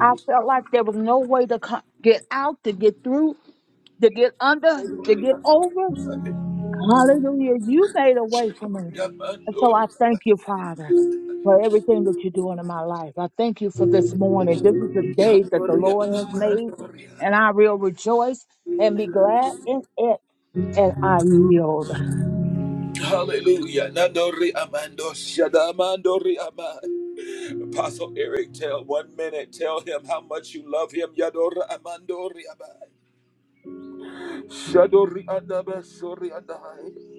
I felt like there was no way to co- get out, to get through, to get under, to get over. Hallelujah. You made a way for me. Yadori And so I thank you, Father, for everything that you're doing in my life. I thank you for this morning. This is the day that the Yadori Lord has made, Amandori. and I will rejoice and be glad in it. And I yield. Hallelujah. Nadori Amando. Shadamandori Amai. Apostle Eric, tell one minute. Tell him how much you love him. Yadora Amandori Amai. Shadori Adaba Sori Adai.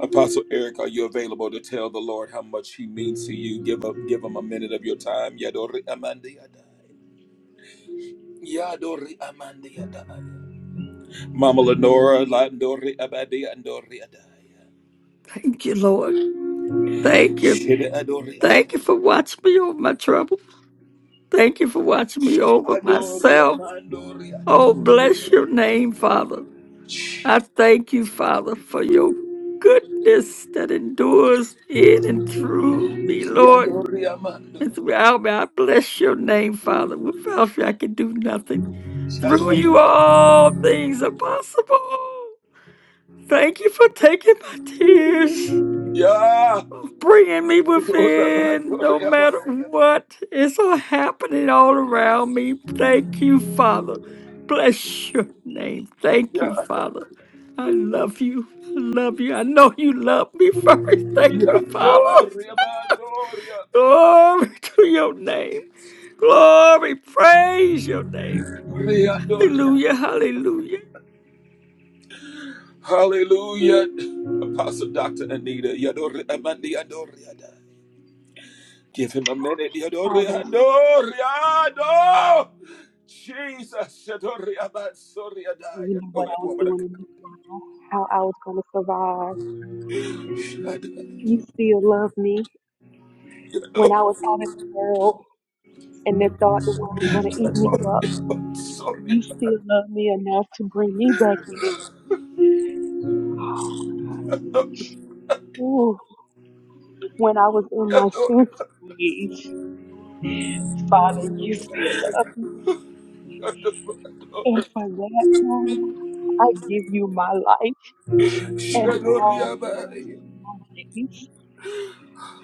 Apostle Eric, are you available to tell the Lord how much He means to you? Give up, give him a minute of your time. Yadori Amandi Adai. Yadori Amandi Adai. Mama Lenora, Landori Abadi Andori Adai. Thank you, Lord. Thank you. Shida Adori Thank you Amandi. for watching me over my trouble. Thank you for watching me over Shadori myself. Amandori Oh, Adai. bless your name, Father. I thank you, Father, for your goodness that endures in and through me, Lord. Yadori Amando. And throughout me, I bless your name, Father. Without you, I can do nothing. Through you, Shadori Amandi. all things are possible. Thank you for taking my tears, Yeah. bringing me within, no Rosamandori matter Abaya. what is all happening all around me. Thank you, Father. Bless your name. Thank you, Yeah. Father. I love you. I love you. I know you love me first. Thank you, Father. Doria, Doria, Glory to your name. Glory. Praise your name. Ria, Doria. Hallelujah. Hallelujah. Hallelujah. Apostle Dr. Anita, Yadoria, Amandi, Adoria. Give him a minute. Yadoria, Father, Doria, Do. Jesus. Yadoria, Mansoria, you Daya. knew what Oh, yeah, I was woman of doing God. and how I was going to survive. Yadoria, You still love me when I was out in the world and they thought the world was going to eat me up. Sorry. You still love me enough to bring me back in. Ooh, when I was in my Yadoria, senses, Father, you still love me. Yadoria, And for that, I give you my life and all the rest Yadoria, of my days.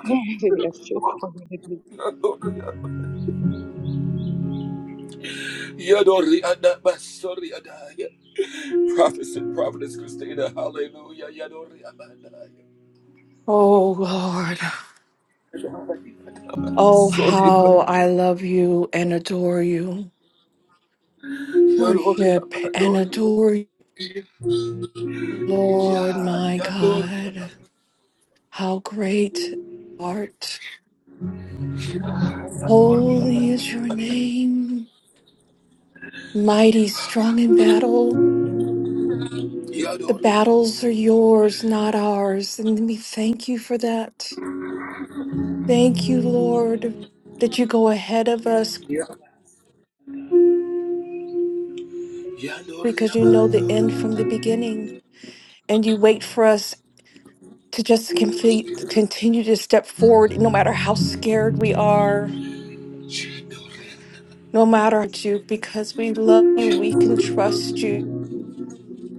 [LAUGHS] Yes, Yadoria. Yadori Adaba Sori Adaya. Prophet and Prophetess Christina, hallelujah. Yadori Abadaya. Oh Lord, oh Sorry. how I love you and adore you. Yadori Worship and Abadori. adore you, Lord Ya my Yadori God. Abadori. How great thou art. Holy is your name, mighty strong in battle. The Yadori battles are yours, not ours. And we thank you for that. Thank you, Lord, that you go ahead of us Ya Yadori because you know the end Abadori. from the beginning and you wait for us to just confi- to continue to step forward, no matter how scared we are, Yadori no matter what you, because we love you, we can trust you.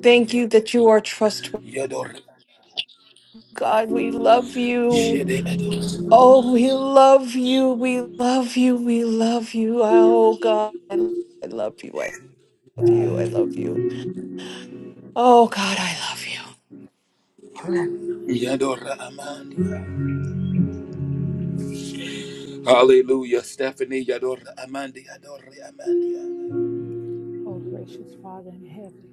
Thank you that you are trustworthy, Yadori. God. We love you. Yede Adori. Oh, we love you. We love you. We love you. Oh, God, I I love you. I love you. I love you. Oh, God, I love you. Amen. Yadora Amanda. Hallelujah. Stephanie Yadora Amandi. Yadori Amanda. Oh, gracious Father in heaven,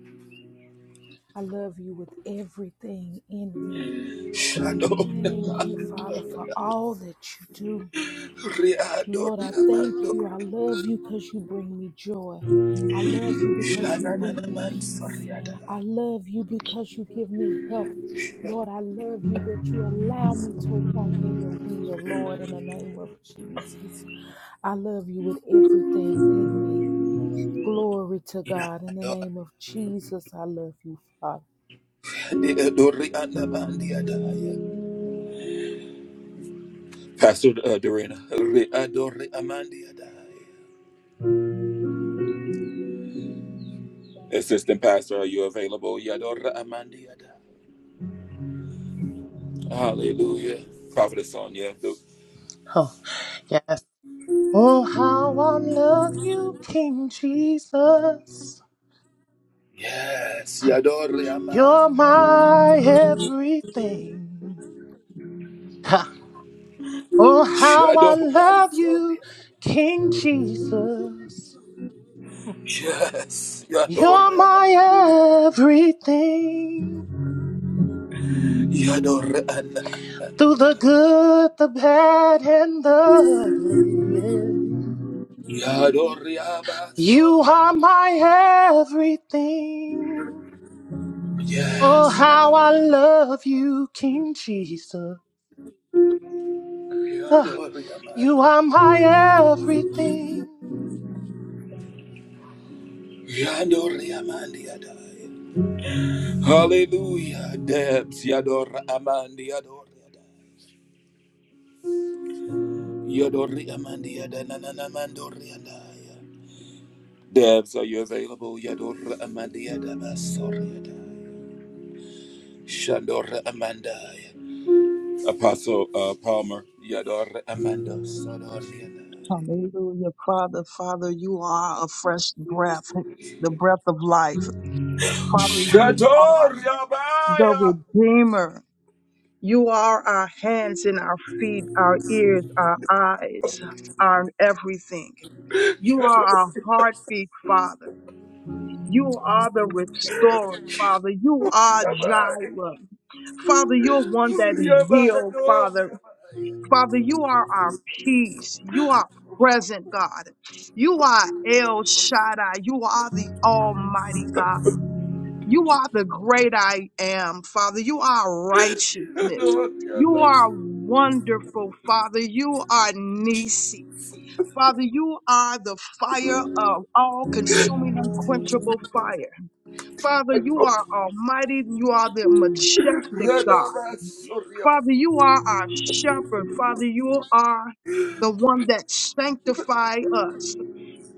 I love you with everything in me. Shadori. Thank you, Father, for all that you do. Riado Lord, I thank you. I riamando love you because you bring me joy. I love you because you shana na na bring me man peace. soriada. I love you because you give me health. Lord, I love you that you allow me to walk in your will, Lord, in the name of Jesus. I love you with everything in me. Glory to God. In the name Riado of Jesus, I love you, Father. rianda mandia daya. Pastor uh, Dorina. Riado riamandia daya. Assistant Pastor, are you available? Yadora amandia daya. Hallelujah. Prophetess Sonia. the- Oh, yes. Oh, how I love you, King Jesus. Yes, Yadori Ama. You're my everything. Ha. Oh, how I Shadow man love you, soria. King Jesus. Yes, You're Yadori Ama. my everything. Yadori Anna. Through the good, the bad, and the ugly. yeah. Yadori Ama You Soria. are my everything. Oh, Yes, how I Yadora. love you, King Jesus. Ah, you Yadoriamanda. are my everything. Yadoriamandiadai. Hallelujah, Debs, Yadora Amandi Yadoriadai. Yadoriamandiada nananamandoriadai. Debs, are you available? Yadora Amandiadabasoriadai. Shandora Amandai. Apostle uh, Palmer, Yadora Amanda Sodoriadai. Hallelujah. Father, Father, you are a fresh breath, the breath of life. Father, you are the Shadoriabaya. Redeemer. You are our hands and our feet, our ears, our eyes, our everything. You are our heartbeat, Father. You are the restorer, Father. You are Yabai. Jireh. Father, you're one that Yabai. heals, Father. Yabai. Father, you are our peace. You are present, God. You are El Shaddai. You are the Almighty God. You are the great I am, Father. You are God, righteousness. You are wonderful, Father. You are Nisi. Father, you are the fire of all consuming, unquenchable fire. Father, you are almighty. You are the majestic God. Father, you are our shepherd. Father, you are the one that sanctify us.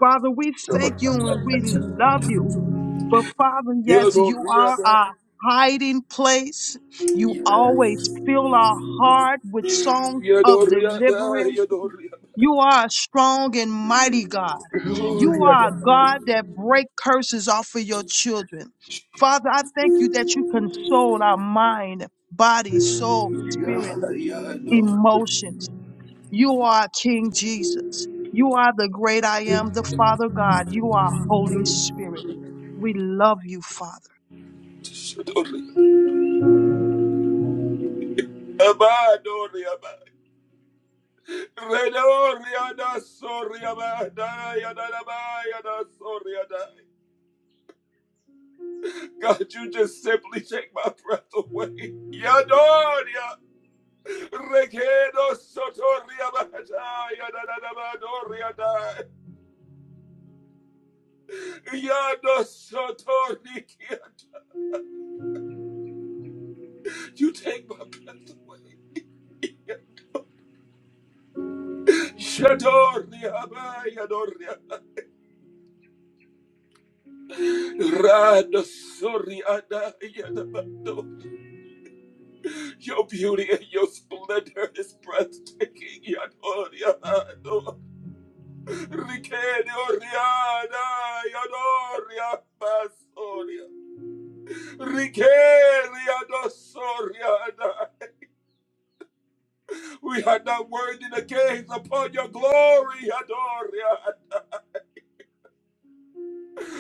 Father, we thank you and we love you. But Father, yes, you are our hiding place. You always fill our heart with songs of deliverance. You are a strong and mighty God. You are a God that break curses off of your children. Father, I thank you that you console our mind, body, soul, spirit emotions. You are King Jesus. You are the great I am, the Father God. You are Holy Spirit. We love you, Father. you just simply take my breath away. Yadoria. Rekedo sotoria bahaya da da da badoria da. Yado sotorikia. You take my breath away. Shadoria bahaya doria. Rado soria da ya da bado. Your beauty and your splendor is breathtaking. Yadoria do. Rikedoria da yadoria basoria. Rikeriadosoriada. We are not worthy to gaze upon your glory, Adoria.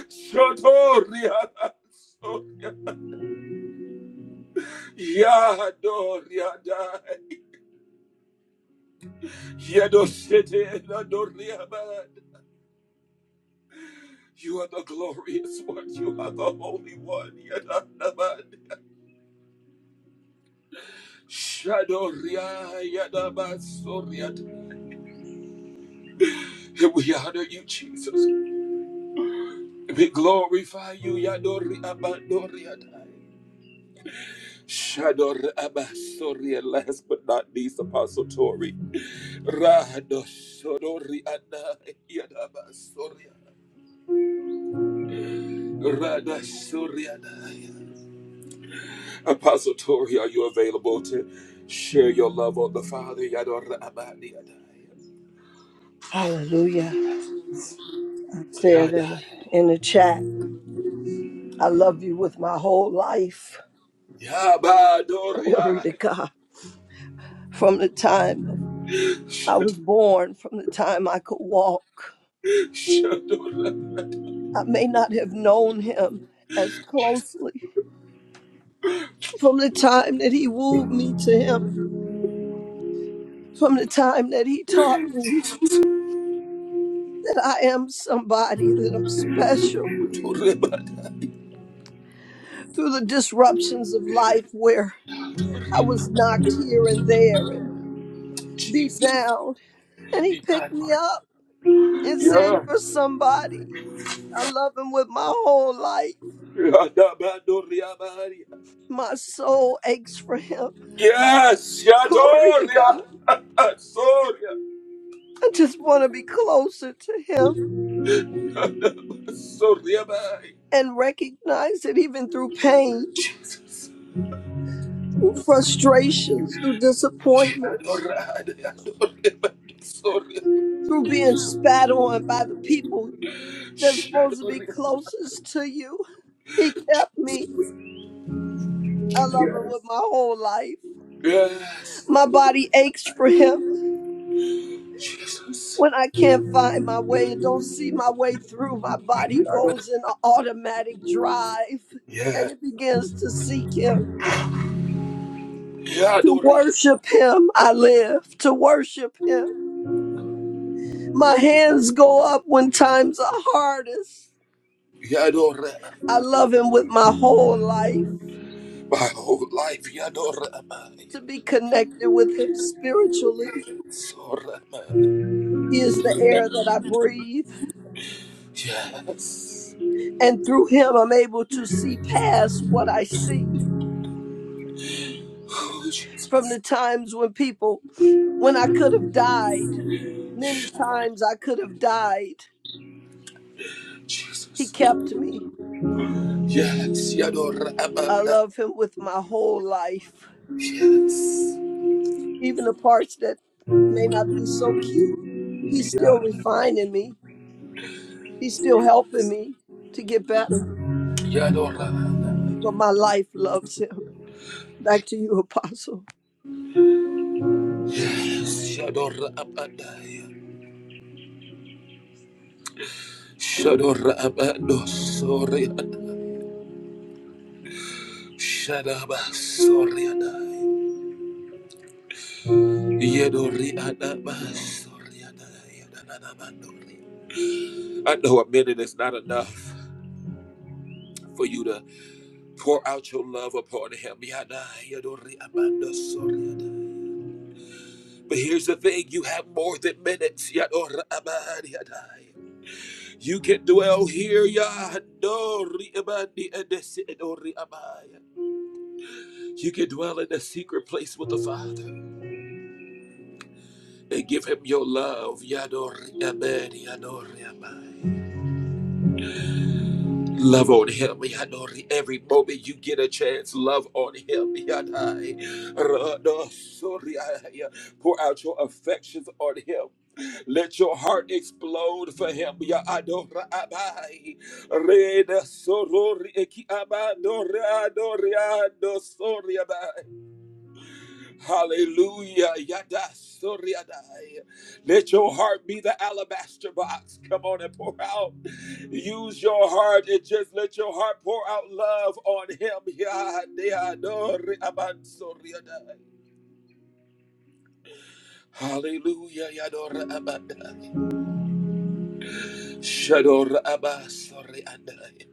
Shotoria. Yadoriada. Yadosete Adoriaman. You are the glorious one. You are the holy one. Yadanaman. Shadoria Yadamasoriada. And we honor you, Jesus. We glorify you, Yadoriaman. Shador Abasori, and last but not least, Apostle Tori. Rado Sodori Adai, Yadabasori, Rada Sori Adai. Apostle Tori, are you available to share your love on the Father? Yador Abadi Adai. Hallelujah. I said in, Yadai. in the chat. I love you with my whole life. [LAUGHS] Glory Yabadoria. to God. From the time of I was born, from the time I could walk, Shador I may not have known him as closely. From the time that he wooed me to him, from the time that he taught me that I am somebody, that I'm special, Torebada. through the disruptions of life where I was knocked here and there and beat down, and he picked me up and said, You're Yes. somebody I love him with my whole life. Yadabadoria Maria. My soul aches for him. Yes, [LAUGHS] Glory to God. Yadoria. [LAUGHS] Soria. I just want to be closer to him Sorry, bye. and recognize that even through pain, through frustrations, through disappointments, Adorada, adorada, sorry. through being Yes, spat on by the people that's supposed to be closest to you, he kept me. I love him with my whole life. yes, My body adorada. aches for him. Jesus. When I can't find my way and don't see my way through, my body Yeah, goes in an automatic drive and it begins to seek Him. yeah, To adorada, worship Him, I live. To worship Him. My hands go up when times are hardest. yeah, adorada. I love Him with my whole life. My whole life, yeah, adorada, To be connected with Him spiritually. sorry, He is the air that I breathe, Yes. and through Him, I'm able to see past what I see. Oh, from Jesus, the times when people, when I could have died, many times I could have died. He Jesus. kept me. Yes, yeah, I adorada, love him with my whole life. yes, Even the parts that may not be so cute, he's still refining me. He's still helping me to get better. yeah, adorada. But my life loves him. Back to you, Apostle. Shadora Abadaya. Shadora Abado Soria. Shadaba Soria. Yedori Adaba Soria. I know a minute is not enough for you to pour out your love upon him. Yada, Yedori Abado Soria. But here's the thing you have more than minutes. Yadora Abadaya. You can dwell here, Yadori Abadi Adesi Edori Abaya. You can dwell in the secret place with the Father and give him your love. Yadori amen, yadori amen. Love on him, yadori. Every moment you get a chance, love on him, yadai. Rado soriaya. Pour out your affections on him. Let your heart explode for him, yadora abai. Reda sorori eki abadori adori Hallelujah. Yada soriadai. Let your heart be the alabaster box. Come on and pour out. Use your heart and just let your heart pour out love on him. Yada dori aban soriadai. Hallelujah. Yadora abandai. Shadora abasoriadai.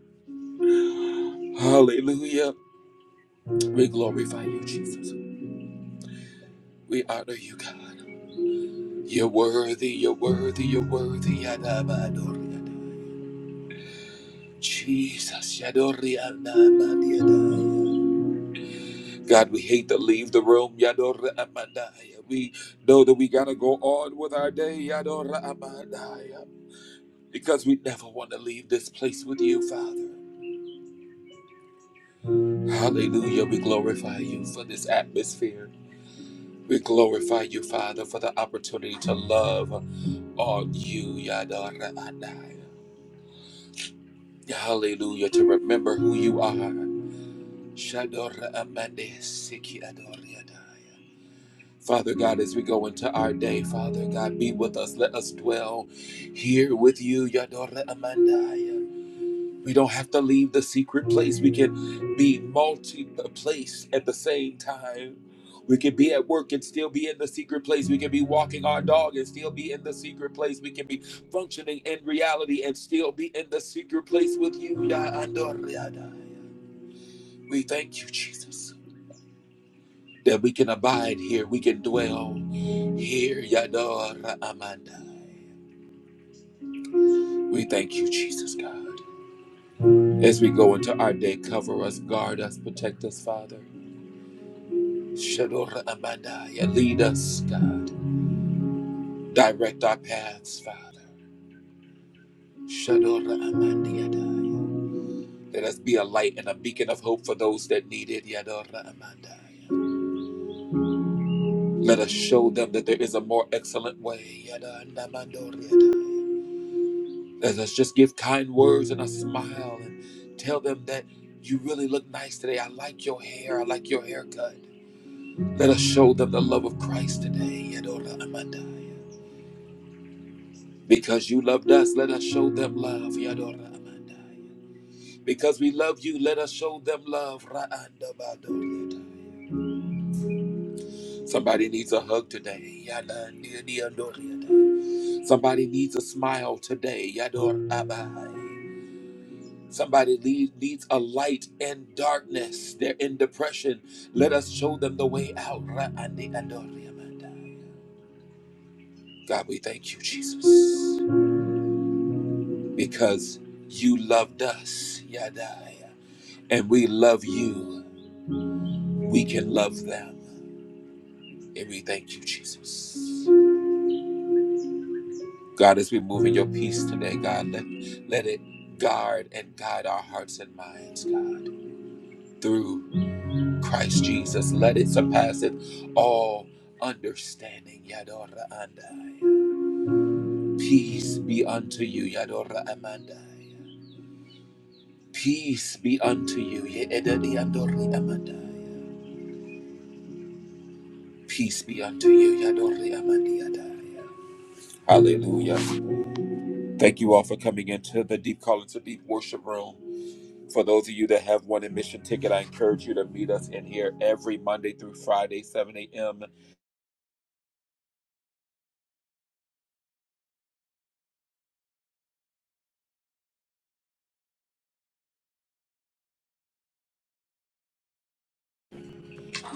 Hallelujah. We glorify you, Jesus. We honor you, God. You're worthy, you're worthy, you're worthy. Yada abadoriadai. Jesus. Yadori Amandaya. God, we hate to leave the room. Yadori Amandaya. We know that we gotta go on with our day. Yadori Amandaya. Because we never want to leave this place with you, Father. Hallelujah. We glorify you for this atmosphere. We glorify you, Father, for the opportunity to love on you, Yadora Anaya. Hallelujah. To remember who you are. Shadora Amande Siki Adoriadaya. Father God, as we go into our day, Father God, be with us. Let us dwell here with you, Yadore Amandaya. We don't have to leave the secret place. We can be multi place at the same time. We can be at work and still be in the secret place. We can be walking our dog and still be in the secret place. We can be functioning in reality and still be in the secret place with you, Yadore Adaya. We thank you, Jesus that we can abide here, we can dwell here. Yador Amandai. We thank you, Jesus God. As we go into our day, cover us, guard us, protect us, Father. Shador Amandai. Lead us, God. Direct our paths, Father. Shador Amandai. Let us be a light and a beacon of hope for those that need it. Yador Amandai. Let us show them that there is a more excellent way. Yador Amandai. Let us just give kind words and a smile and tell them that you really look nice today. I like your hair. I like your haircut. Let us show them the love of Christ today. Yadora Amandaya. Because you loved us, let us show them love. Yadora Amandaya. Because we love you, let us show them love. Ra'anda Badoriadaya. Somebody needs a hug today. Yana Niadoriadaya. Somebody needs a smile today. Yador Abai. Somebody lead, needs a light in darkness. They're in depression. Let us show them the way out. God, we thank you, Jesus, because you loved us, Yadai, and we love you. We can love them, and we thank you, Jesus. God, as we move in your peace today, God, let, let it guard and guide our hearts and minds, God, through. Christ Jesus. Let it surpasseth all understanding. Yadora andai. Peace be unto you, Yadora amandai. Peace be unto you, Ye Yedadi andori amandai. Peace be unto you, Yadori amandiadai. Hallelujah. Thank you all for coming into the Deep calling to Deep Worship Room. For those of you that have one admission ticket, I encourage you to meet us in here every Monday through Friday, 7 a.m.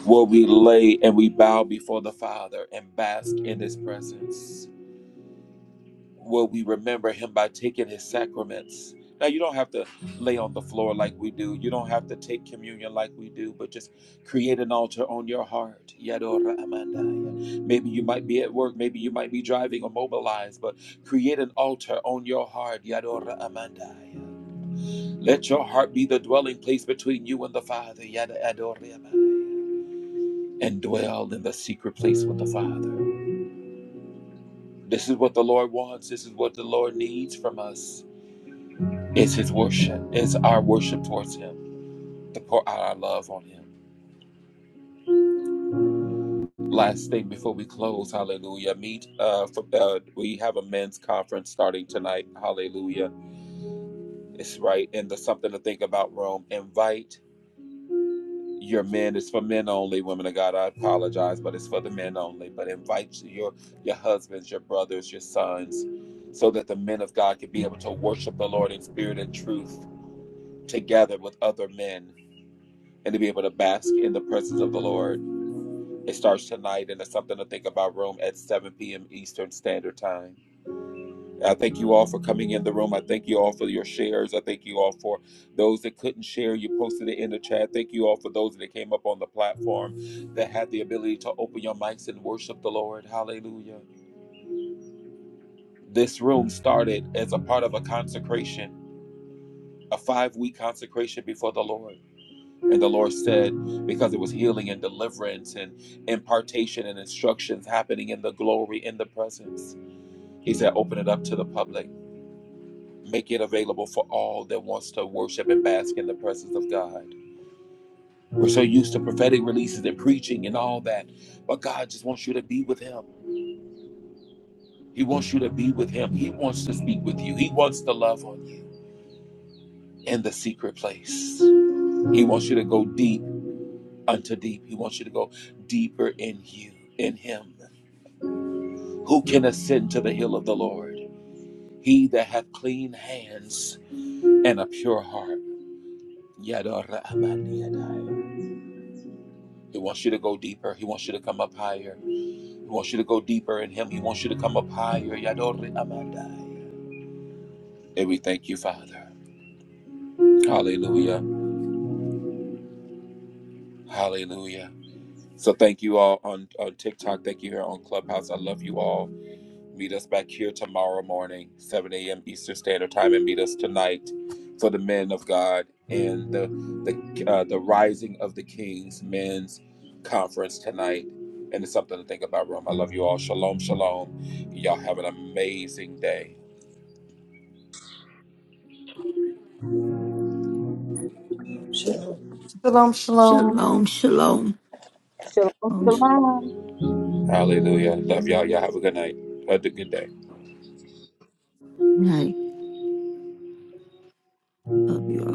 where we lay and we bow before the Father and bask in His presence, where we remember Him by taking His sacraments. Now, you don't have to lay on the floor like we do, you don't have to take communion like we do, but just create an altar on your heart. Yadora amandaya. Maybe you might be at work, maybe you might be driving or mobilized, but create an altar on your heart. Yadora amandaya. Let your heart be the dwelling place between you and the Father. Yada adore amandaya and dwell in the secret place with the Father. This is what the Lord wants. This is what the Lord needs from us. It's His worship. It's our worship towards Him to pour out our love on Him. Last thing before we close, Hallelujah. Meet. Uh, for, uh, we have a men's conference starting tonight. Hallelujah. It's right in the Something to Think About room. Invite. your men its for men only women of god i apologize but it's for the men only but invite your your husbands your brothers your sons so that the men of god can be able to worship the lord in spirit and truth together with other men and to be able to bask in the presence of the lord it starts tonight and it's something to think about room at 7 p.m eastern standard time I thank you all for coming in the room. I thank you all for your shares. I thank you all for those that couldn't share. You posted it in the chat. Thank you all for those that came up on the platform that had the ability to open your mics and worship the Lord. Hallelujah. This room started as a part of a consecration, a five week consecration before the Lord. And the Lord said, because it was healing and deliverance and impartation and instructions happening in the glory, in the presence, He said, open it up to the public. Make it available for all that wants to worship and bask in the presence of God. We're so used to prophetic releases and preaching and all that, but God just wants you to be with Him. He wants you to be with Him. He wants to speak with you. He wants to love on you in the secret place. He wants you to go deep unto deep. He wants you to go deeper in you, in Him. Who can ascend to the hill of the Lord? He that hath clean hands and a pure heart. Yadora amani yadai. He wants you to go deeper. He wants you to come up higher. He wants you to go deeper in Him. He wants you to come up higher. Yadore Amandai. And we thank you, Father. Hallelujah. Hallelujah. So thank you all on, on TikTok. Thank you here on Clubhouse. I love you all. Meet us back here tomorrow morning, 7 a.m. Eastern Standard Time, and meet us tonight for the men of God and the the uh, the Rising of the Kings Men's Conference tonight. And it's something to think about, Rome. I love you all. Shalom, shalom. Y'all have an amazing day. Shalom, shalom. Shalom. Shalom. Shalom, Most shalom. Hallelujah. Love y'all. Y'all have a good night. Have A good day. night. Love you all.